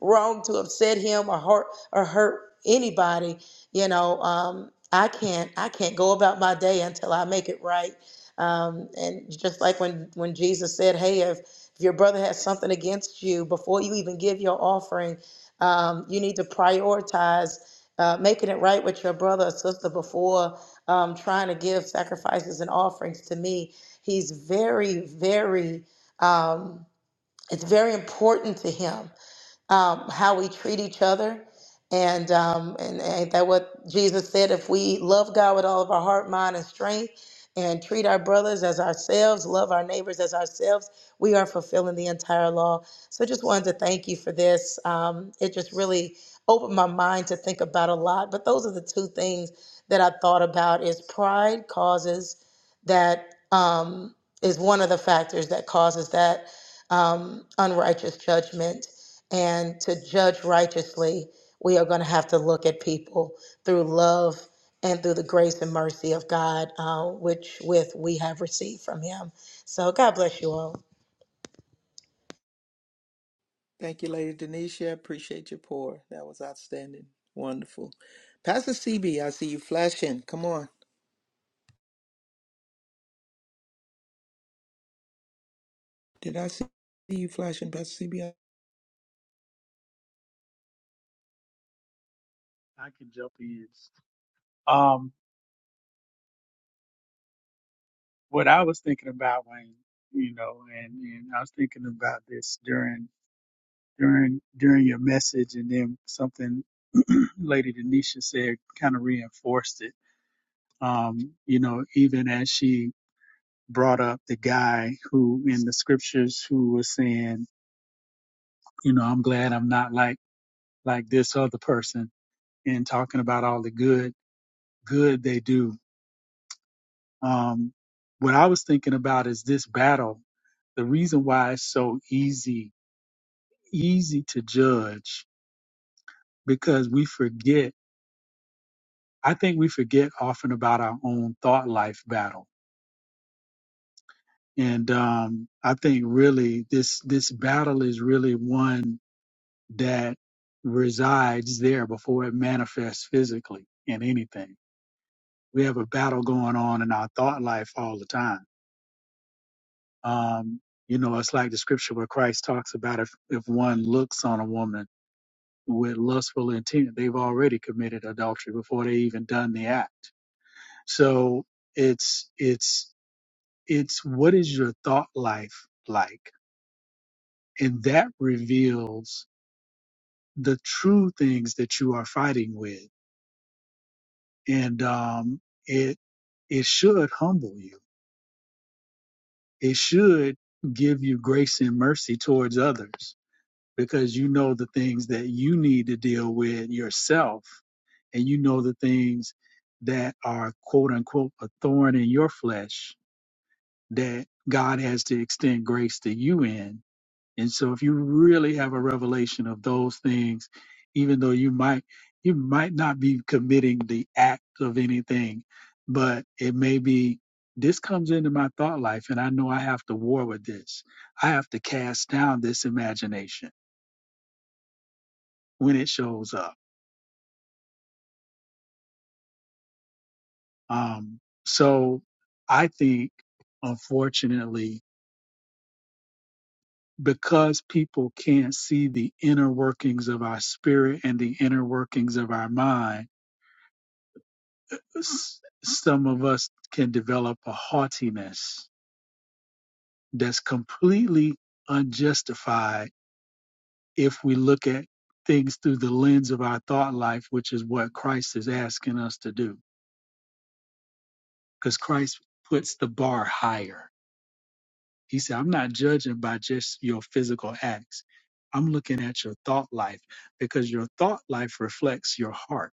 S1: wrong to upset him or hurt or hurt anybody you know um i can't i can't go about my day until i make it right um and just like when when jesus said hey if, if your brother has something against you before you even give your offering um you need to prioritize uh, making it right with your brother or sister before um, trying to give sacrifices and offerings to me he's very very um, it's very important to him um, how we treat each other. And, um, and ain't that what Jesus said? If we love God with all of our heart, mind, and strength, and treat our brothers as ourselves, love our neighbors as ourselves, we are fulfilling the entire law. So just wanted to thank you for this. Um, it just really opened my mind to think about a lot. But those are the two things that I thought about is pride causes that um, is one of the factors that causes that um, unrighteous judgment and to judge righteously, we are going to have to look at people through love and through the grace and mercy of God, uh, which with we have received from Him. So God bless you all.
S2: Thank you, Lady Denisha. Appreciate your pour. That was outstanding. Wonderful. Pastor CB, I see you flashing. Come on. Did I see you flashing, Pastor CB?
S5: I can jump in. Um, what I was thinking about, Wayne, you know, and, and I was thinking about this during during during your message, and then something <clears throat> Lady Denisha said kind of reinforced it. Um, you know, even as she brought up the guy who in the scriptures who was saying, you know, I'm glad I'm not like like this other person, and talking about all the good good they do Um, what I was thinking about is this battle. The reason why it's so easy, easy to judge, because we forget. I think we forget often about our own thought life battle, and um, I think really this this battle is really one that resides there before it manifests physically in anything. We have a battle going on in our thought life all the time Um, you know, it's like the scripture where Christ talks about if, if one looks on a woman with lustful intent, they've already committed adultery before they even done the act. So it's, it's, it's what is your thought life like? And that reveals the true things that you are fighting with. And, um, it, it should humble you. It should give you grace and mercy towards others because you know the things that you need to deal with yourself and you know the things that are quote unquote a thorn in your flesh that God has to extend grace to you in. And so if you really have a revelation of those things, even though you might you might not be committing the act of anything, but it may be this comes into my thought life and I know I have to war with this. I have to cast down this imagination when it shows up. Um, so I think, unfortunately, because people can't see the inner workings of our spirit and the inner workings of our mind, s- some of us can develop a haughtiness that's completely unjustified if we look at things through the lens of our thought life, which is what Christ is asking us to do, because Christ puts the bar higher He said, I'm not judging by just your physical acts. I'm looking at your thought life because your thought life reflects your heart.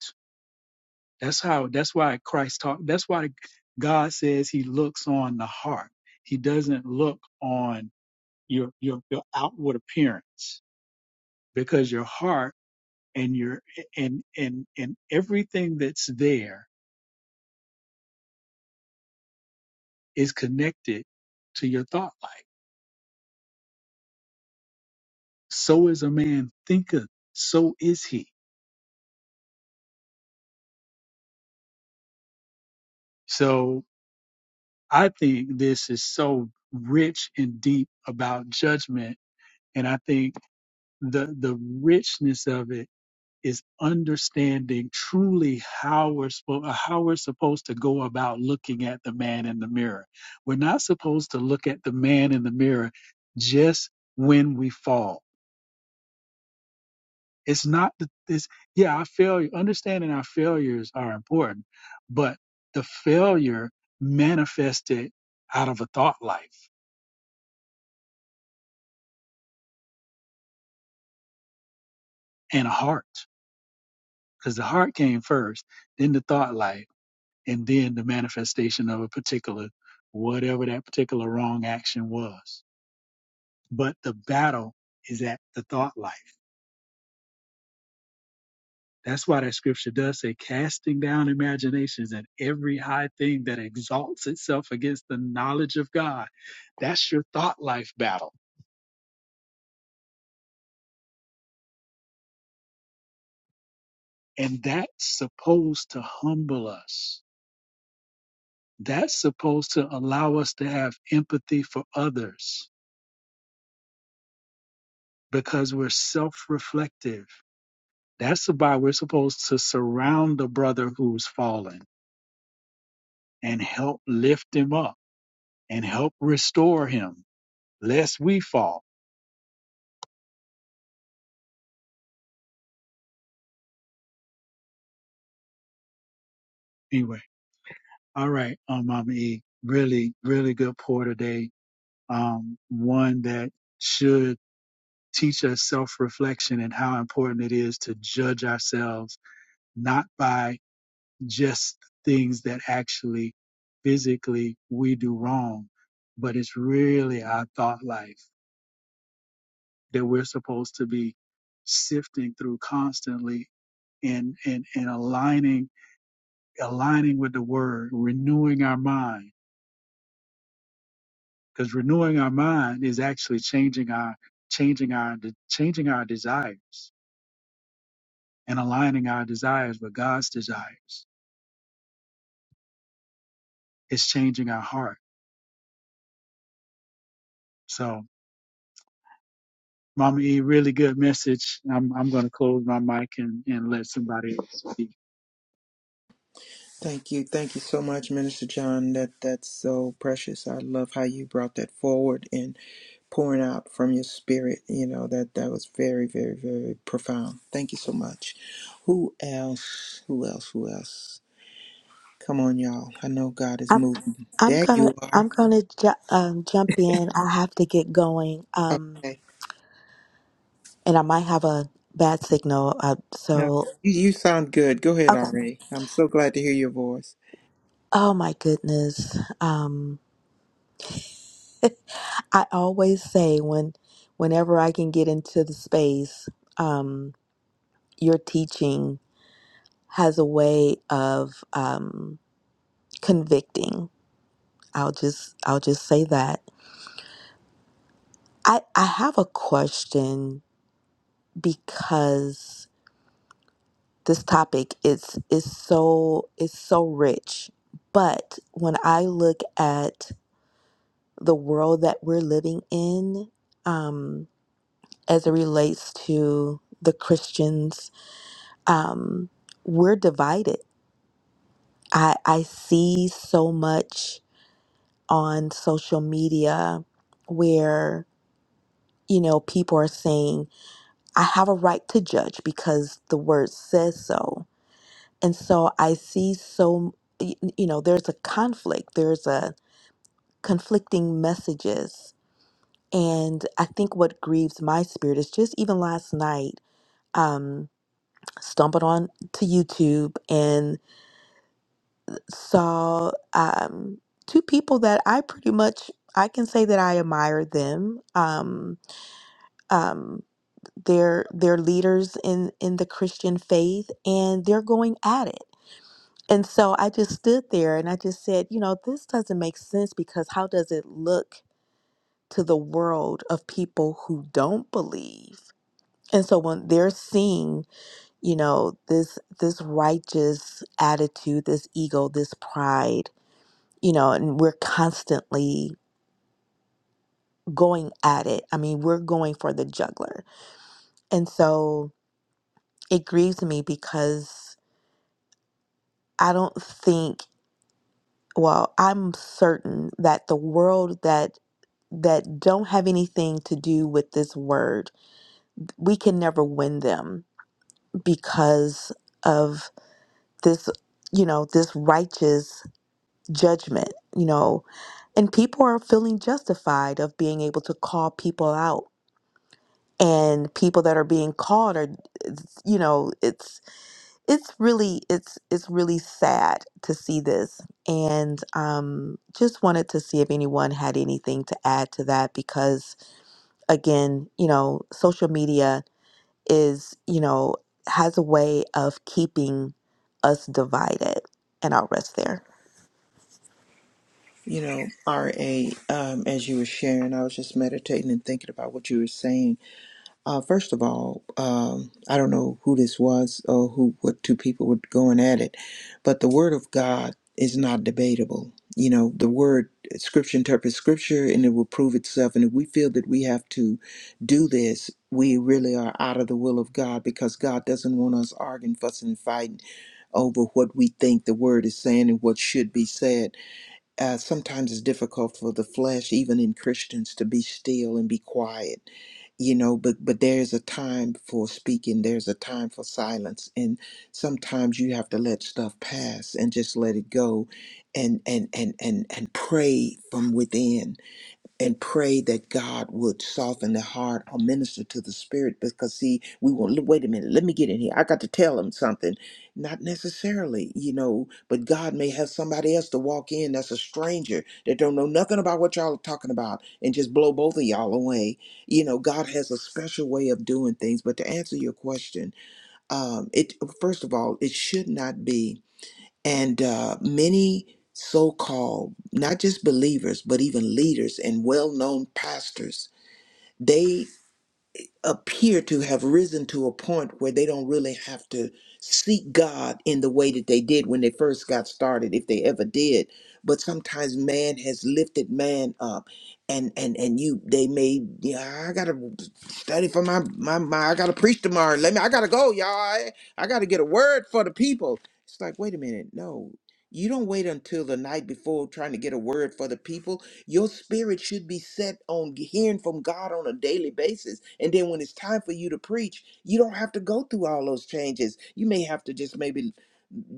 S5: That's how, that's why Christ talked, that's why God says he looks on the heart. He doesn't look on your, your, your outward appearance because your heart and your, and, and, and everything that's there is connected to your thought life. So is a man thinketh, so is he. So I think this is so rich and deep about judgment. And I think the, the richness of it is understanding truly how we're, spo- uh, how we're supposed to go about looking at the man in the mirror. We're not supposed to look at the man in the mirror just when we fall. It's not the, this, yeah, our failure, understanding our failures are important, but the failure manifested out of a thought life and a heart. because the heart came first, then the thought life, and then the manifestation of a particular, whatever that particular wrong action was. But the battle is at the thought life. That's why that scripture does say, casting down imaginations and every high thing that exalts itself against the knowledge of God. That's your thought life battle. And that's supposed to humble us. That's supposed to allow us to have empathy for others because we're self reflective. That's why we're supposed to surround the brother who's fallen and help lift him up and help restore him, lest we fall. Anyway, all right, um, Mama E, really, really good pour today. Um, one that should teach us self reflection and how important it is to judge ourselves not by just things that actually physically we do wrong, but it's really our thought life that we're supposed to be sifting through constantly and and, and aligning aligning with the word, renewing our mind. Because renewing our mind is actually changing our changing our changing our desires and aligning our desires with God's desires. It's changing our heart. So Mama E, really good message. I'm I'm going to close my mic and, and let somebody else speak.
S2: Thank you. Thank you so much, Minister John. That that's so precious. I love how you brought that forward. pouring out from your spirit. You know, that that was very, very, very profound. Thank you so much. Who else? Who else? Who else? Come on, y'all. I know God is
S7: I'm
S2: moving.
S7: I'm
S2: There
S7: gonna
S2: you
S7: I'm
S2: are.
S7: gonna ju- um, jump in. I have to get going. Um,
S2: Okay.
S7: and I might have a bad signal. Uh,
S2: No.
S7: so
S2: You, you sound good. Go ahead,
S7: okay.
S2: RA. I'm so glad to hear your voice.
S7: Oh my goodness. Um, I always say when whenever I can get into the space, um, your teaching has a way of um convicting. I'll just I'll just say that. I I have a question because this topic is is so is so rich. But when I look at the world that we're living in, um, as it relates to the Christians, um, we're divided. I, I see so much on social media where you know people are saying I have a right to judge because the word says so And so I see so, y- you know, there's a conflict, there's a conflicting messages. And I think what grieves my spirit is just even last night, um, stumbled on to YouTube and saw um, two people that I pretty much I can say that I admire them. Um, um, they're they're leaders in in the Christian faith, and they're going at it And so I just stood there and I just said, you know, this doesn't make sense because how does it look to the world of people who don't believe? And so when they're seeing, you know, this this righteous attitude, this ego, this pride, you know, and we're constantly going at it. I mean, we're going for the juggler. And so it grieves me because I don't think well, I'm certain that the world that that don't have anything to do with this word. We can never win them because of this, you know, this righteous judgment, you know. And people are feeling justified of being able to call people out. And people that are being called are you know, it's it's really it's it's really sad to see this. And um just wanted to see if anyone had anything to add to that because again, you know, social media is, you know, has a way of keeping us divided. And I'll rest there.
S2: You know, RA, um, as you were sharing, I was just meditating and thinking about what you were saying Uh, first of all, um, I don't know who this was or who what two people were going at it, but the word of God is not debatable. You know, the word scripture interprets scripture and it will prove itself. And if we feel that we have to do this, we really are out of the will of God because God doesn't want us arguing, fussing, and fighting over what we think the word is saying and what should be said uh, sometimes it's difficult for the flesh, even in Christians, to be still and be quiet, you know. But but there's a time for speaking. There's a time for silence, and sometimes you have to let stuff pass and just let it go, and and and and and pray from within and pray that God would soften the heart or minister to the spirit because see we won't wait a minute let me get in here I got to tell him something not necessarily you know but God may have somebody else to walk in that's a stranger that don't know nothing about what y'all are talking about and just blow both of y'all away you know God has a special way of doing things but to answer your question um it first of all it should not be and uh, many so-called not just believers but even leaders and well-known pastors they appear to have risen to a point where they don't really have to seek God in the way that they did when they first got started, if they ever did. But sometimes man has lifted man up, and and and you they may yeah I gotta study for my my, my I gotta preach tomorrow. Let me I gotta go y'all. I, I gotta get a word for the people. It's like wait a minute, no. You don't wait until the night before trying to get a word for the people your spirit should be set on hearing from God on a daily basis. And then when it's time for you to preach, you don't have to go through all those changes. You may have to just maybe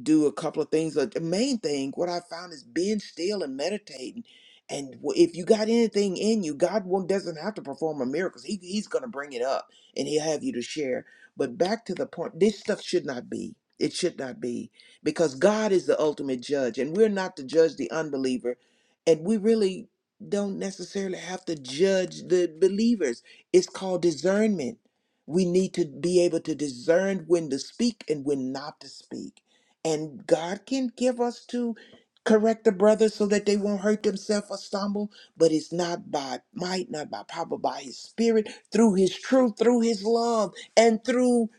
S2: do a couple of things. But the main thing, what I found is being still and meditating. And wh- if you got anything in you, God won't, doesn't have to perform a miracle. He, he's going to bring it up and he'll have you to share. But back to the point, this stuff should not be. It should not be because God is the ultimate judge and we're not to judge the unbeliever. And we really don't necessarily have to judge the believers. It's called discernment. We need to be able to discern when to speak and when not to speak and God can give us to correct the brothers so that they won't hurt themselves or stumble, but it's not by might, not by power, but by his spirit, through his truth, through his love, and through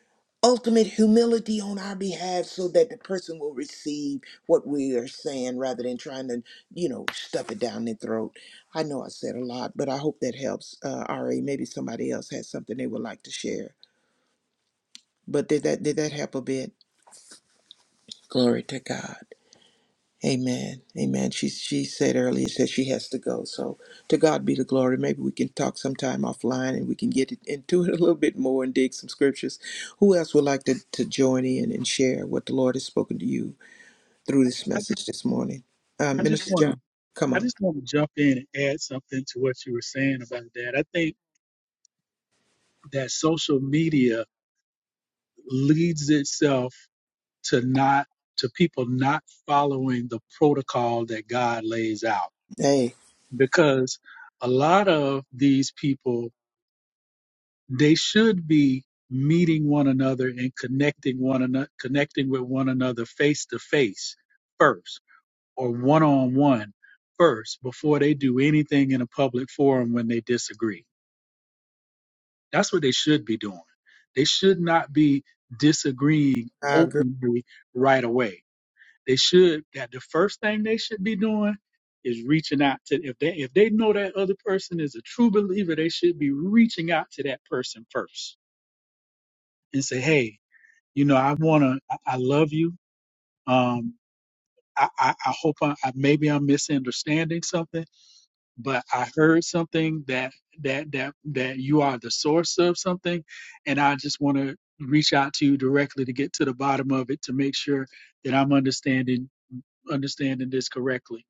S2: ultimate humility on our behalf so that the person will receive what we are saying rather than trying to, you know, stuff it down their throat. I know I said a lot, but I hope that helps. Uh Ari, maybe somebody else has something they would like to share. But did that did that help a bit? Glory to God. Amen. Amen. She she said earlier said she has to go. So to God be the glory. Maybe we can talk sometime offline and we can get it- into it a little bit more and dig some scriptures. Who else would like to, to join in and share what the Lord has spoken to you through this
S5: I, ju-
S2: message this morning? Uh,
S5: I just
S2: Minister
S5: want
S2: John,
S5: to
S2: come
S5: I
S2: on.
S5: just want to jump in and add something to what you were saying about that. I think that social media leads itself to not to people not following the protocol that God lays out
S2: Hey.
S5: because a lot of these people they should be meeting one another and connecting one another connecting with one another face to face first or one on one first before they do anything in a public forum when they disagree. That's what they should be doing. They should not be disagreeing openly right away. They should that the first thing they should be doing is reaching out to if they if they know that other person is a true believer, they should be reaching out to that person first and say, hey, you know, I wanna I, I love you. Um I, I, I hope I, I maybe I'm misunderstanding something but I heard something that that that that you are the source of something, and I just want to reach out to you directly to get to the bottom of it to make sure that I'm understanding understanding this correctly.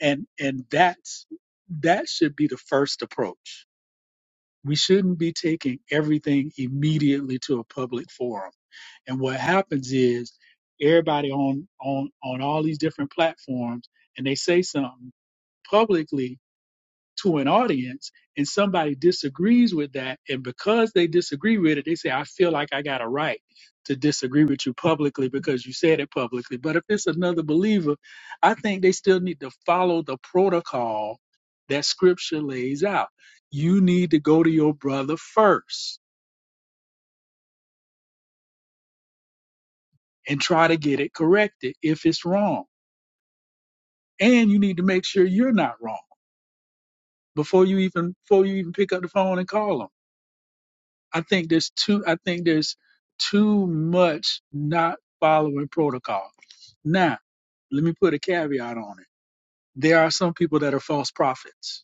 S5: And and that's that should be the first approach. We shouldn't be taking everything immediately to a public forum. And what happens is everybody on on on all these different platforms and they say something publicly to an audience and somebody disagrees with that and because they disagree with it they say i feel like i got a right to disagree with you publicly because you said it publicly but if it's another believer i think they still need to follow the protocol that scripture lays out you need to go to your brother first and try to get it corrected if it's wrong and you need to make sure you're not wrong before you even before you even pick up the phone and call them I think there's too I think there's too much not following protocol. Now, let me put a caveat on it. There are some people that are false prophets,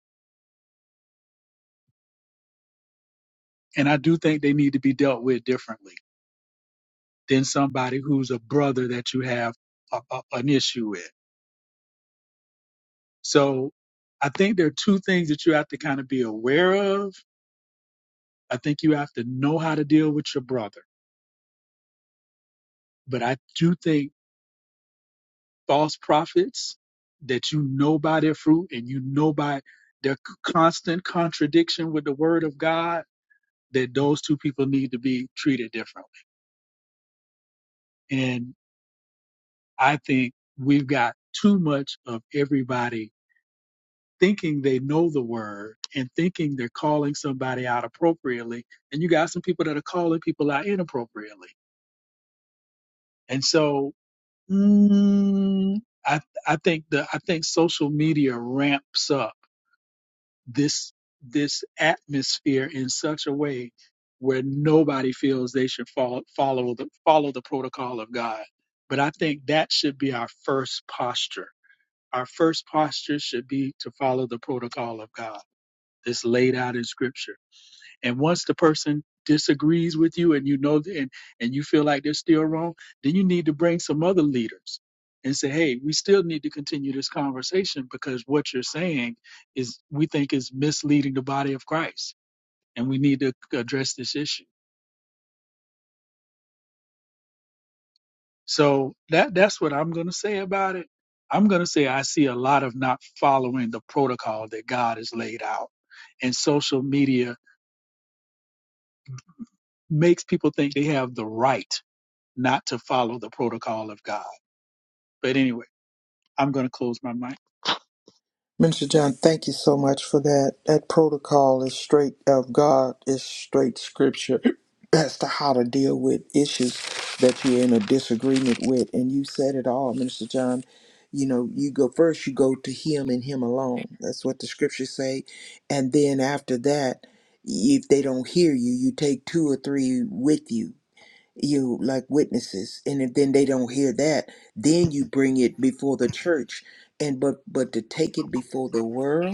S5: and I do think they need to be dealt with differently than somebody who's a brother that you have a, a- an issue with. So, I think there are two things that you have to kind of be aware of. I think you have to know how to deal with your brother, but I do think false prophets that you know by their fruit and you know by their c- constant contradiction with the word of God, that those two people need to be treated differently. And I think we've got too much of everybody thinking they know the word and thinking they're calling somebody out appropriately. And you got some people that are calling people out inappropriately. And so, mm, I I think the I think social media ramps up this this atmosphere in such a way where nobody feels they should follow follow the follow the protocol of God. But I think that should be our first posture. Our first posture should be to follow the protocol of God. It's laid out in scripture. And once the person disagrees with you and you know th- and, and you feel like they're still wrong, then you need to bring some other leaders and say, hey, we still need to continue this conversation because what you're saying is we think is misleading the body of Christ and we need to address this issue. So that that's what I'm gonna say about it. I'm gonna say I see a lot of not following the protocol that God has laid out. And social media makes people think they have the right not to follow the protocol of God But anyway, I'm going to close my mic.
S2: Minister John, thank you so much for that. That protocol is straight of God, is straight scripture <clears throat> as to how to deal with issues that you're in a disagreement with. And you said it all, Minister John. You know, you go first, you go to him and him alone. That's what the scriptures say. And then after that, if they don't hear you, you take two or three with you you like witnesses and if then they don't hear that then you bring it before the church and but but to take it before the world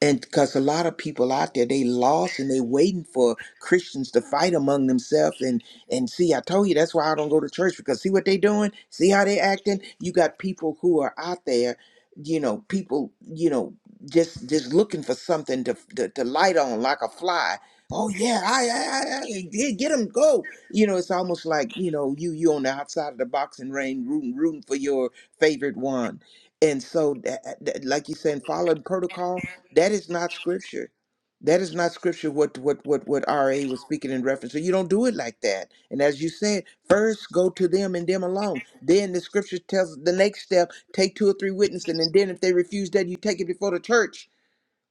S2: and because a lot of people out there they lost and they waiting for christians to fight among themselves and and see i told you that's why i don't go to church because see what they doing see how they acting you got people who are out there you know people you know just just looking for something to to, to light on like a fly oh yeah i i, I I- yeah, get them go you know it's almost like you know you you on the outside of the boxing ring rooting rooting for your favorite one and so that, that- like you saying following protocol that is not scripture. That is not scripture what what what what RA was speaking in reference. So you don't do it like that. And as you said, first go to them and them alone. Then the scripture tells the next step, take two or three witnesses, and then if they refuse that, you take it before the church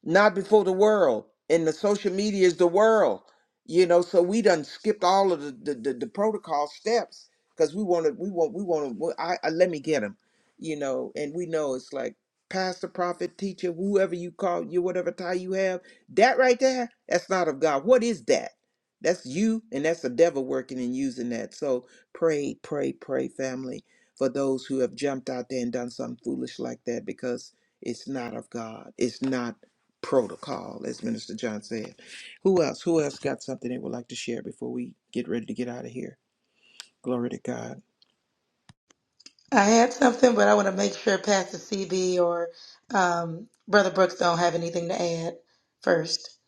S2: not before the world and the social media is the world you know so we done skipped all of the the, the, the protocol steps because we want to we want we want to I, I let me get him you know and we know it's like pastor prophet teacher whoever you call you whatever title you have that right there that's not of god what is that that's you and that's the devil working and using that so pray pray pray family for those who have jumped out there and done something foolish like that because it's not of god it's not protocol, as Minister John said. Who else? Who else got something they would like to share before we get ready to get out of here? Glory to God.
S1: I had something, but I want to make sure Pastor CB or um, Brother Brooks don't have anything to add first.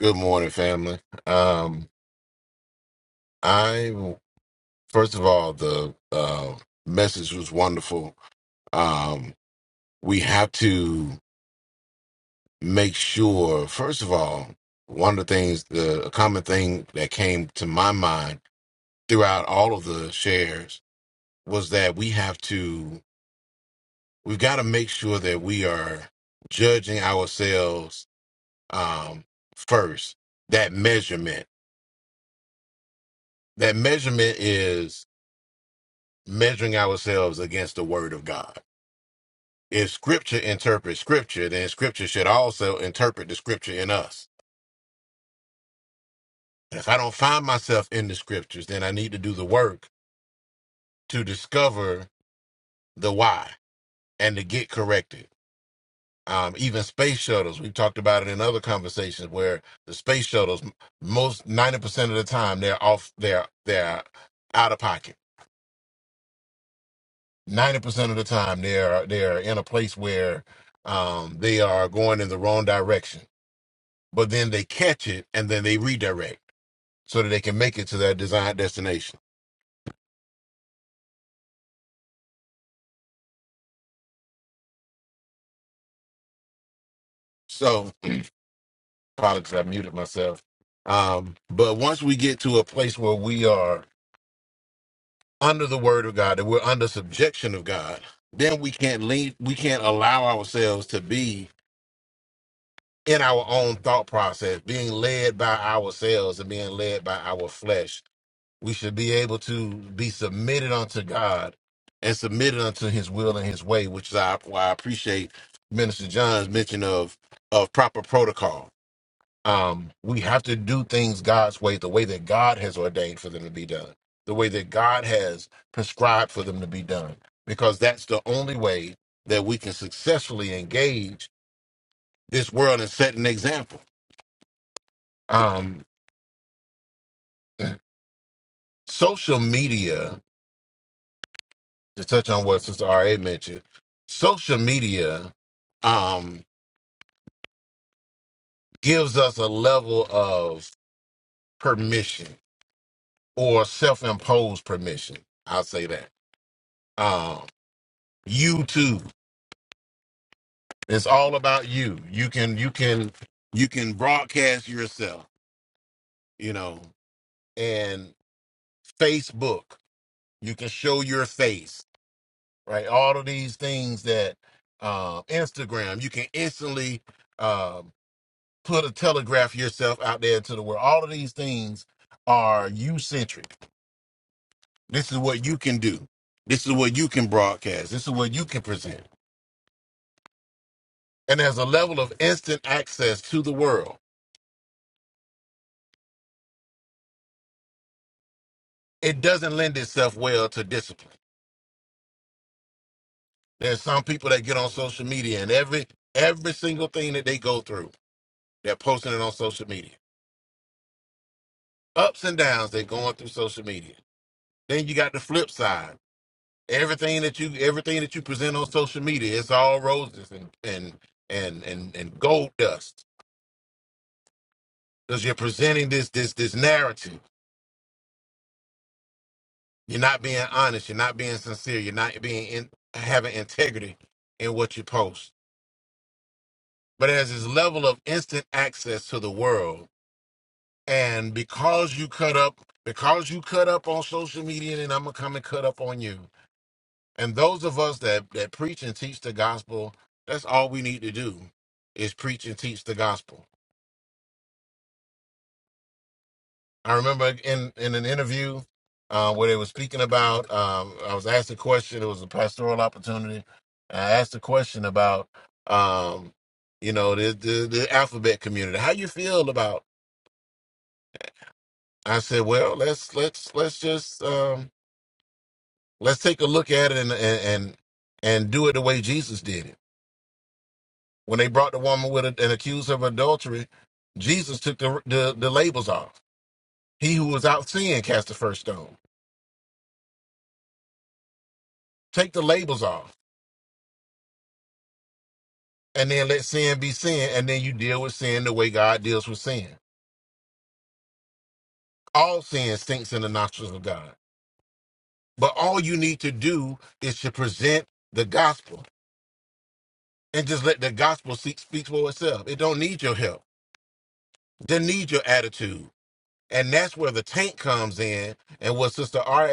S4: Good morning, family. Um, I first of all, the uh, message was wonderful. Um, we have to. make sure, first of all, one of the things, the a common thing that came to my mind throughout all of the shares was that we have to, we've got to make sure that we are judging ourselves um, first. That measurement, that measurement is measuring ourselves against the word of God. If scripture interprets scripture, then scripture should also interpret the scripture in us. And If I don't find myself in the scriptures, then I need to do the work to discover the why and to get corrected. Um, even space shuttles, we've talked about it in other conversations where the space shuttles, m- most 90% of the time they're off, they're, they're out of pocket. 90% of the time they're, they're in a place where, um, they are going in the wrong direction, but then they catch it and then they redirect so that they can make it to their desired destination. So apologies, I muted myself. Um, but once we get to a place where we are under the word of God, that we're under subjection of God, then we can't lead, we can't allow ourselves to be in our own thought process, being led by ourselves and being led by our flesh. We should be able to be submitted unto God and submitted unto his will and his way, which is I- why I appreciate Minister John's mention of of proper protocol um, we have to do things God's way, the way that God has ordained for them to be done, the way that God has prescribed for them to be done, because that's the only way that we can successfully engage this world and set an example. Um, social media, to touch on what Sister R.A. mentioned, social media um, gives us a level of permission or self imposed permission. I'll say that. Um, YouTube It's all about you. You can you can you can broadcast yourself, you know, and Facebook, you can show your face, right? All of these things that uh, Instagram, you can instantly uh, put a telegraph yourself out there to the world. All of these things are you centric. This is what you can do. This is what you can broadcast. This is what you can present. And there's a level of instant access to the world. It doesn't lend itself well to discipline There's some people that get on social media and every every single thing that they go through, they're posting it on social media. Ups and downs they're going through social media. Then you got the flip side. Everything that you everything that you present on social media, it's all roses and and and and, and gold dust. Because you're presenting this this this narrative. You're not being honest, you're not being sincere, you're not being in, having integrity in what you post. But as this level of instant access to the world, And because you cut up, because you cut up on social media, then I'm gonna come and cut up on you. And those of us that that preach and teach the gospel, that's all we need to do is preach and teach the gospel. I remember in in an interview uh, where they were speaking about, um, I was asked a question. It was a pastoral opportunity. And I asked a question about, um, you know, the, the the alphabet community. How you feel about? I said, well, let's let's let's just. Um, Let's take a look at it and and and, and do it the way Jesus did it. When they brought the woman with a, and accused her of adultery, Jesus took the, the the labels off. He who was out sin cast the first stone. Take the labels off, and then let sin be sin, and then you deal with sin the way God deals with sin. All sin stinks in the nostrils of God, but all you need to do is to present the gospel and just let the gospel speak, speak for itself. It don't need your help. Doesn't need your attitude and that's where the tank comes in and what sister ra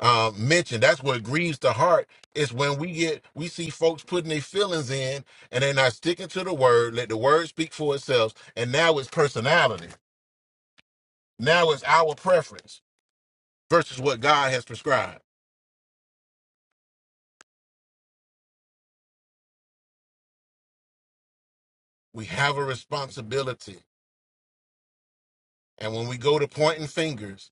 S4: um, mentioned that's what grieves the heart is when we get we see folks putting their feelings in and they're not sticking to the word let the word speak for itself and now it's personality now it's our preference versus what god has prescribed we have a responsibility and when we go to pointing fingers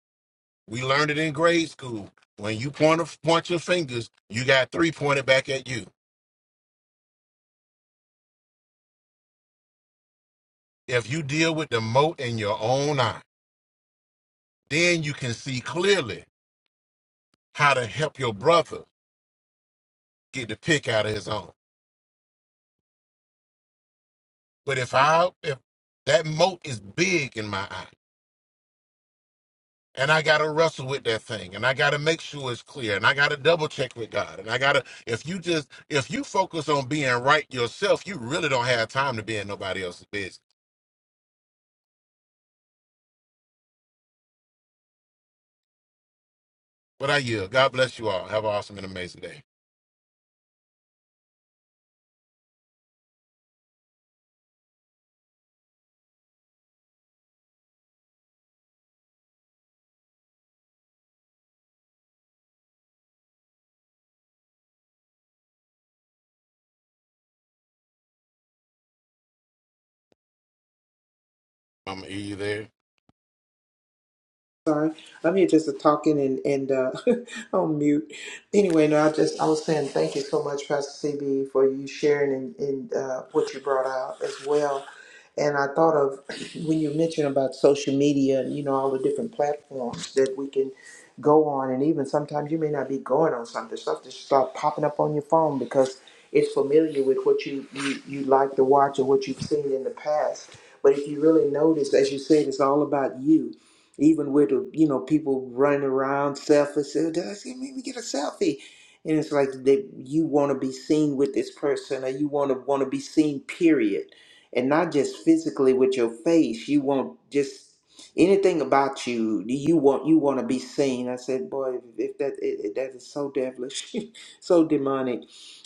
S4: we learned it in grade school when you point a, point your fingers you got three pointed back at you if you deal with the mote in your own eye Then you can see clearly how to help your brother get the pick out of his own. But if I if that moat is big in my eye, and I gotta wrestle with that thing, and I gotta make sure it's clear, and I gotta double check with God, and I gotta if you just if you focus on being right yourself, you really don't have time to be in nobody else's business. But I yield. God bless you all. Have an awesome and amazing day. Mama E, you there?
S2: Sorry, I'm here just talking and and uh, <laughs> on mute. Anyway, no, I just I was saying thank you so much, Pastor CB, for you sharing and, and uh, what you brought out as well. And I thought of <clears throat> when you mentioned about social media and you know all the different platforms that we can go on, and even sometimes you may not be going on something, stuff just start popping up on your phone because it's familiar with what you you, you like to watch or what you've seen in the past. But if you really notice, as you said, it's all about you even with you know people running around selfish, "Oh, did I see maybe get a selfie? And it's like they, you want to be seen with this person, or you want to want to be seen, period, and not just physically with your face. You want just anything about you. You want you want to be seen. I said, boy, if that it, that is so devilish, <laughs> so demonic.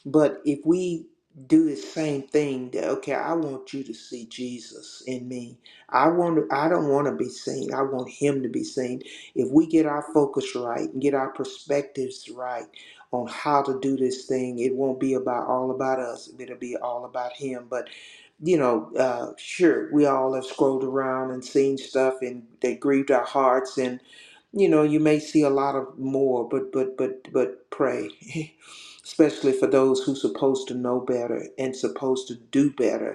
S2: But if we do the same thing, that okay, I want you to see Jesus in me. I want to, I don't want to be seen. I want him to be seen. If we get our focus right and get our perspectives right on how to do this thing, it won't be about all about us. It'll be all about him. But you know, uh, sure, we all have scrolled around and seen stuff, and they grieved our hearts, and you know, you may see a lot of more. But but but but pray, <laughs> especially for those who supposed to know better and supposed to do better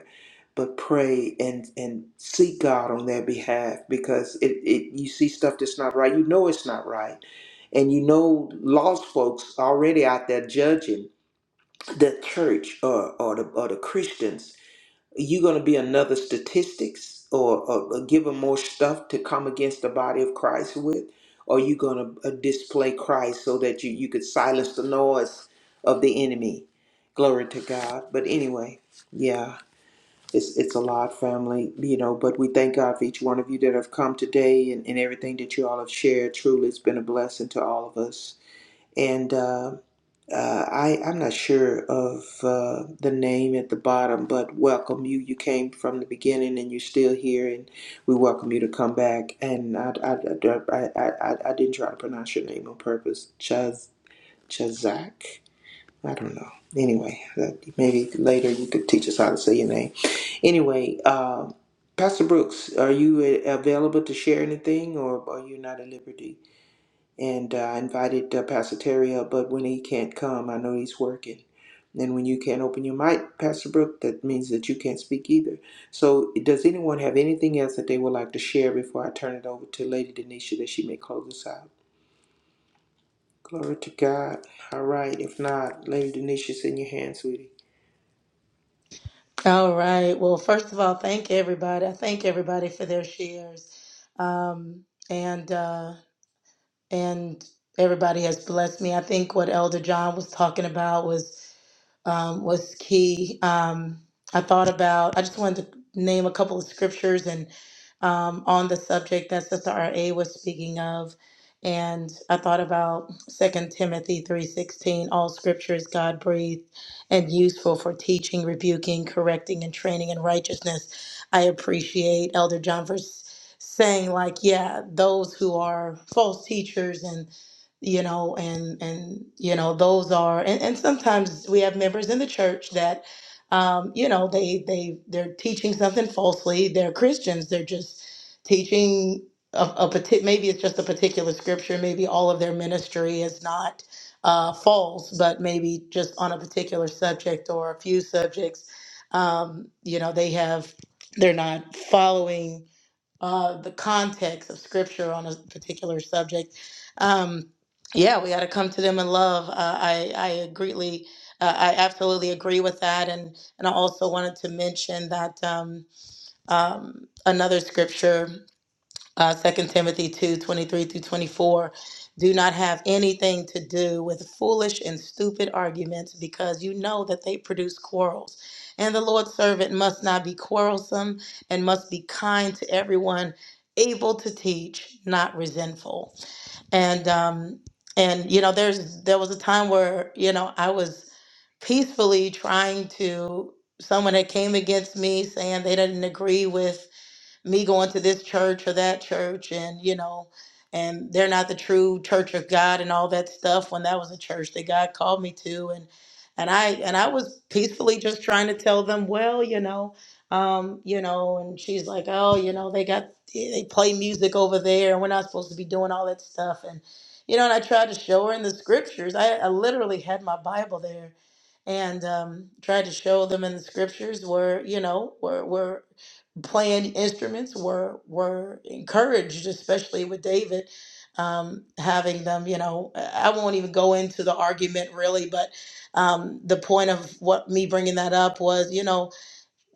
S2: but pray and and seek God on their behalf because it, it you see stuff that's not right, you know it's not right. And you know lost folks already out there judging the church or, or the or the Christians. You're gonna be another statistics or, or, or give them more stuff to come against the body of Christ with, or you gonna uh, display Christ so that you, you could silence the noise of the enemy. Glory to God. But anyway, yeah. It's it's a lot, family, you know, but we thank God for each one of you that have come today and, and everything that you all have shared. Truly, it's been a blessing to all of us. And uh, uh, I, I'm not sure of uh, the name at the bottom, but welcome you. You came from the beginning and you're still here, and we welcome you to come back. And I, I, I, I, I, I didn't try to pronounce your name on purpose. Chaz, Chazak? I don't know. Anyway, that, maybe later you could teach us how to say your name. Anyway, uh, Pastor Brooks, are you a- available to share anything or are you not at liberty? And uh, I invited uh, Pastor Terry up, but when he can't come, I know he's working. And when you can't open your mic, Pastor Brooks, that means that you can't speak either. So, does anyone have anything else that they would like to share before I turn it over to Lady Denisha that she may close us out? Glory to God. All right. If not, Lady Denisha's in your hands, sweetie.
S1: All right. Well, first of all, thank everybody. I thank everybody for their shares. Um, and uh, and everybody has blessed me. I think what Elder John was talking about was um, was key. Um, I thought about, I just wanted to name a couple of scriptures and um, on the subject that Sister R.A. was speaking of. And I thought about Second Timothy 3.16, all scripture is God breathed and useful for teaching, rebuking, correcting, and training in righteousness. I appreciate Elder John for s- saying like, yeah, those who are false teachers and you know and and you know those are and, and sometimes we have members in the church that um you know they they they're teaching something falsely they're christians they're just teaching a, a partic- maybe it's just a particular scripture maybe all of their ministry is not uh false but maybe just on a particular subject or a few subjects um you know they have they're not following uh, the context of scripture on a particular subject. Um, yeah, we got to come to them in love. Uh, I, I greatly, uh, I absolutely agree with that. And, and I also wanted to mention that um, um, another scripture uh, 2 Timothy 2 23 through 24. Do not have anything to do with foolish and stupid arguments because you know that they produce quarrels. And the Lord's servant must not be quarrelsome and must be kind to everyone, able to teach, not resentful. And, um, and you know, there's there was a time where you know I was peacefully trying to someone that came against me saying they didn't agree with me going to this church or that church and you know and they're not the true church of god and all that stuff when that was a church that god called me to and and i and i was peacefully just trying to tell them well you know um you know and she's like oh you know they got they play music over there and we're not supposed to be doing all that stuff and you know and i tried to show her in the scriptures i, I literally had my bible there and um, tried to show them in the scriptures where you know where where playing instruments were were encouraged, especially with David um, having them. You know, I won't even go into the argument really, but um, the point of what me bringing that up was, you know,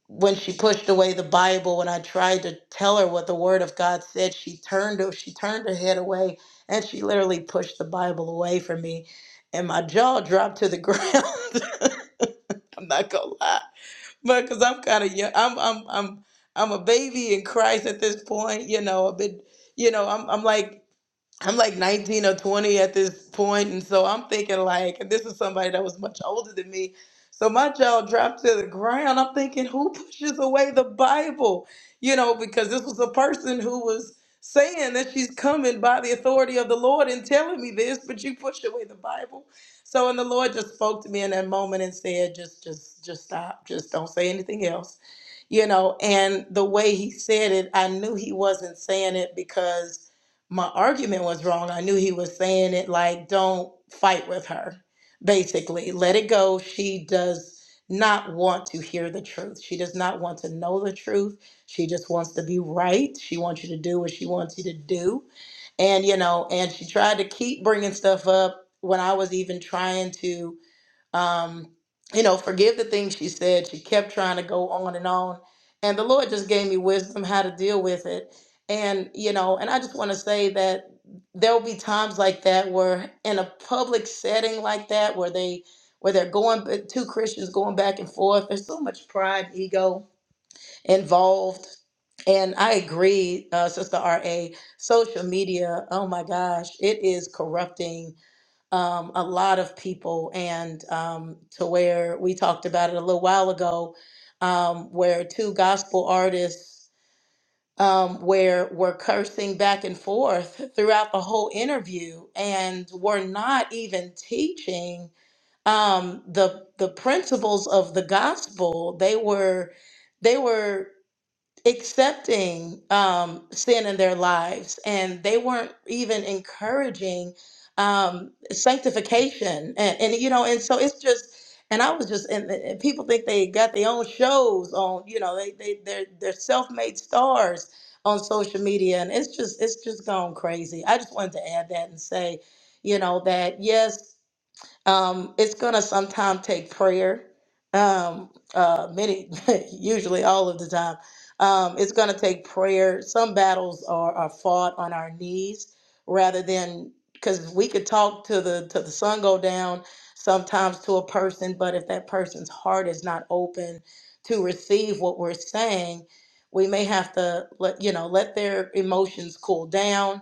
S1: when she pushed away the Bible, when I tried to tell her what the Word of God said, she turned she turned her head away and she literally pushed the Bible away from me, and my jaw dropped to the <laughs> ground. <laughs> I'm not gonna lie but because I'm kind of young, I'm I'm I'm I'm a baby in Christ at this point. You know, I've been, you know, I'm I'm like I'm like 19 or 20 at this point, and so I'm thinking like, and this is somebody that was much older than me. So my jaw dropped to the ground. I'm thinking, who pushes away the Bible? You know, because this was a person who was saying that she's coming by the authority of the Lord and telling me this, but you pushed away the Bible. So and the Lord just spoke to me in that moment and said, just, just, just stop. Just don't say anything else. You know, and the way he said it, I knew he wasn't saying it because my argument was wrong. I knew he was saying it like, don't fight with her, basically. Let it go. She does not want to hear the truth. She does not want to know the truth. She just wants to be right. She wants you to do what she wants you to do. And, you know, and she tried to keep bringing stuff up when I was even trying to um, you know, forgive the things she said. She kept trying to go on and on. And the Lord just gave me wisdom how to deal with it. And, you know, and I just want to say that there'll be times like that where in a public setting like that where they where they're going two Christians going back and forth. There's so much pride, ego involved. And I agree, uh, Sister RA, social media, oh my gosh, it is corrupting um, a lot of people, and um, to where we talked about it a little while ago, um, where two gospel artists um, where were cursing back and forth <laughs> throughout the whole interview, and were not even teaching um, the the principles of the gospel. They were they were accepting um, sin in their lives, and they weren't even encouraging um, sanctification. And, and you know, and so it's just, and I was just, and, and people think they got their own shows on, you know, they they they're they're self-made stars on social media, and it's just it's just gone crazy. I just wanted to add that and say, you know, that yes. Um, it's gonna sometimes take prayer. Um, uh, many, <laughs> usually all of the time, um, it's gonna take prayer. Some battles are, are fought on our knees rather than because we could talk to the to the sun go down sometimes to a person, but if that person's heart is not open to receive what we're saying, we may have to let you know let their emotions cool down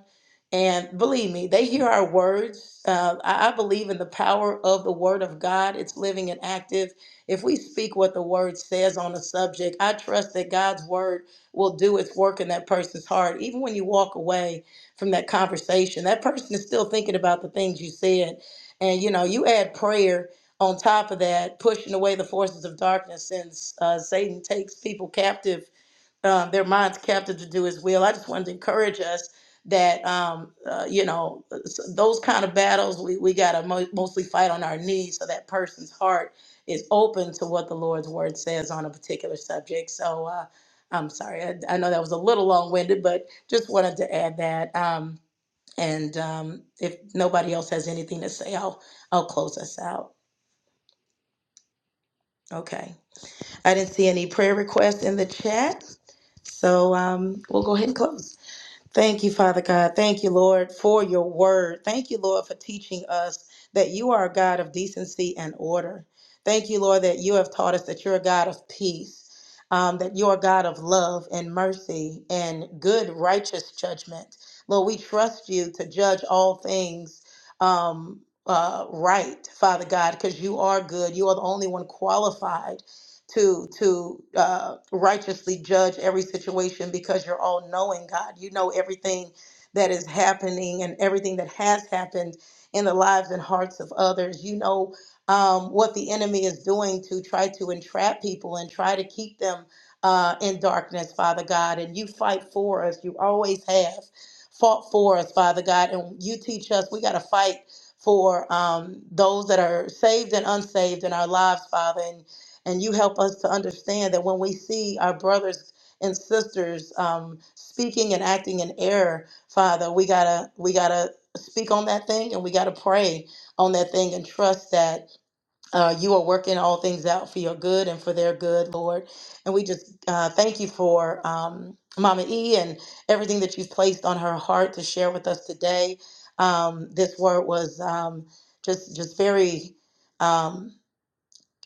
S1: and believe me, they hear our words. Uh, I, I believe in the power of the Word of God. It's living and active. If we speak what the Word says on a subject, I trust that God's Word will do its work in that person's heart. Even when you walk away from that conversation, that person is still thinking about the things you said. And you know, you add prayer on top of that, pushing away the forces of darkness, since uh, Satan takes people captive um, their minds captive to do his will. I just wanted to encourage us that um, uh, you know s- those kind of battles we, we got to mo- mostly fight on our knees so that person's heart is open to what the Lord's word says on a particular subject. So uh, I'm sorry, I, I know that was a little long winded, but just wanted to add that. Um, and um, if nobody else has anything to say, I'll I'll close us out. Okay. I didn't see any prayer requests in the chat, so um, we'll go ahead and close. Thank you, Father God. Thank you, Lord, for your word. Thank you, Lord, for teaching us that you are a God of decency and order. Thank you, Lord, that you have taught us that you're a God of peace, um, that you're a God of love and mercy and good, righteous judgment. Lord, we trust you to judge all things um, uh, right, Father God, because you are good. You are the only one qualified to to uh, righteously judge every situation because you're all knowing God. You know everything that is happening and everything that has happened in the lives and hearts of others. You know um, what the enemy is doing to try to entrap people and try to keep them uh, in darkness, Father God. And you fight for us. You always have fought for us, Father God. And you teach us we got to fight for um, those that are saved and unsaved in our lives, Father. And and you help us to understand that when we see our brothers and sisters um, speaking and acting in error, Father, we gotta we gotta speak on that thing and we gotta pray on that thing and trust that uh, you are working all things out for your good and for their good, Lord. And we just uh, thank you for um, Mama E and everything that you've placed on her heart to share with us today. Um, this word was um, just just very. um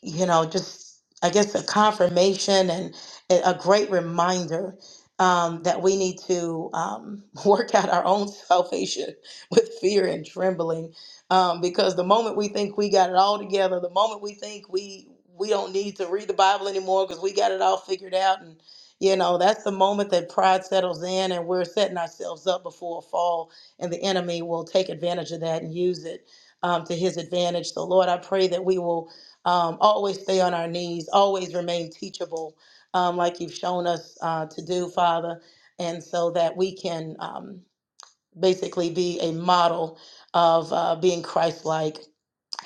S1: you know, just I guess a confirmation and a a great reminder um, that we need to um, <laughs> work out our own <laughs> salvation with fear and trembling, um, because the moment we think we got it all together, the moment we think we we don't need to read the Bible anymore because we got it all figured out, and you know that's the moment that pride settles in, and we're setting ourselves up before a fall, and the enemy will take advantage of that and use it um, to his advantage. So Lord, I pray that we will um, always stay on our knees, always remain teachable, um, like you've shown us uh, to do, Father, and so that we can um, basically be a model of uh, being Christ like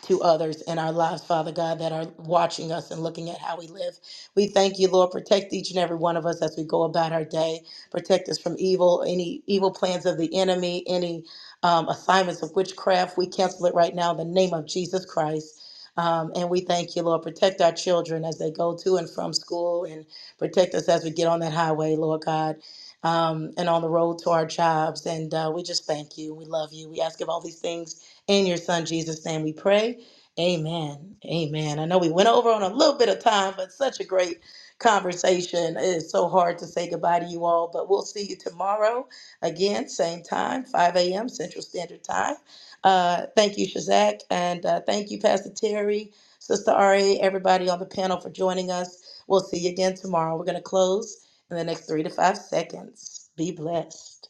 S1: to others in our lives, Father God, that are watching us and looking at how we live. We thank you, Lord. Protect each and every one of us as we go about our day. Protect us from evil, any evil plans of the enemy, any um, assignments of witchcraft. We cancel it right now in the name of Jesus Christ. Um, and we thank you, Lord. Protect our children as they go to and from school and protect us as we get on that highway, Lord God, um, and on the road to our jobs. And uh, we just thank you. We love you. We ask of all these things in your son Jesus' name we pray. Amen. Amen. I know we went over on a little bit of time, but such a great conversation. It's so hard to say goodbye to you all, but we'll see you tomorrow again, same time, 5 a.m. Central Standard Time. Uh, thank you, Shazak, and uh, thank you, Pastor Terry, Sister Ari, everybody on the panel for joining us. We'll see you again tomorrow. We're going to close in the next three to five seconds. Be blessed.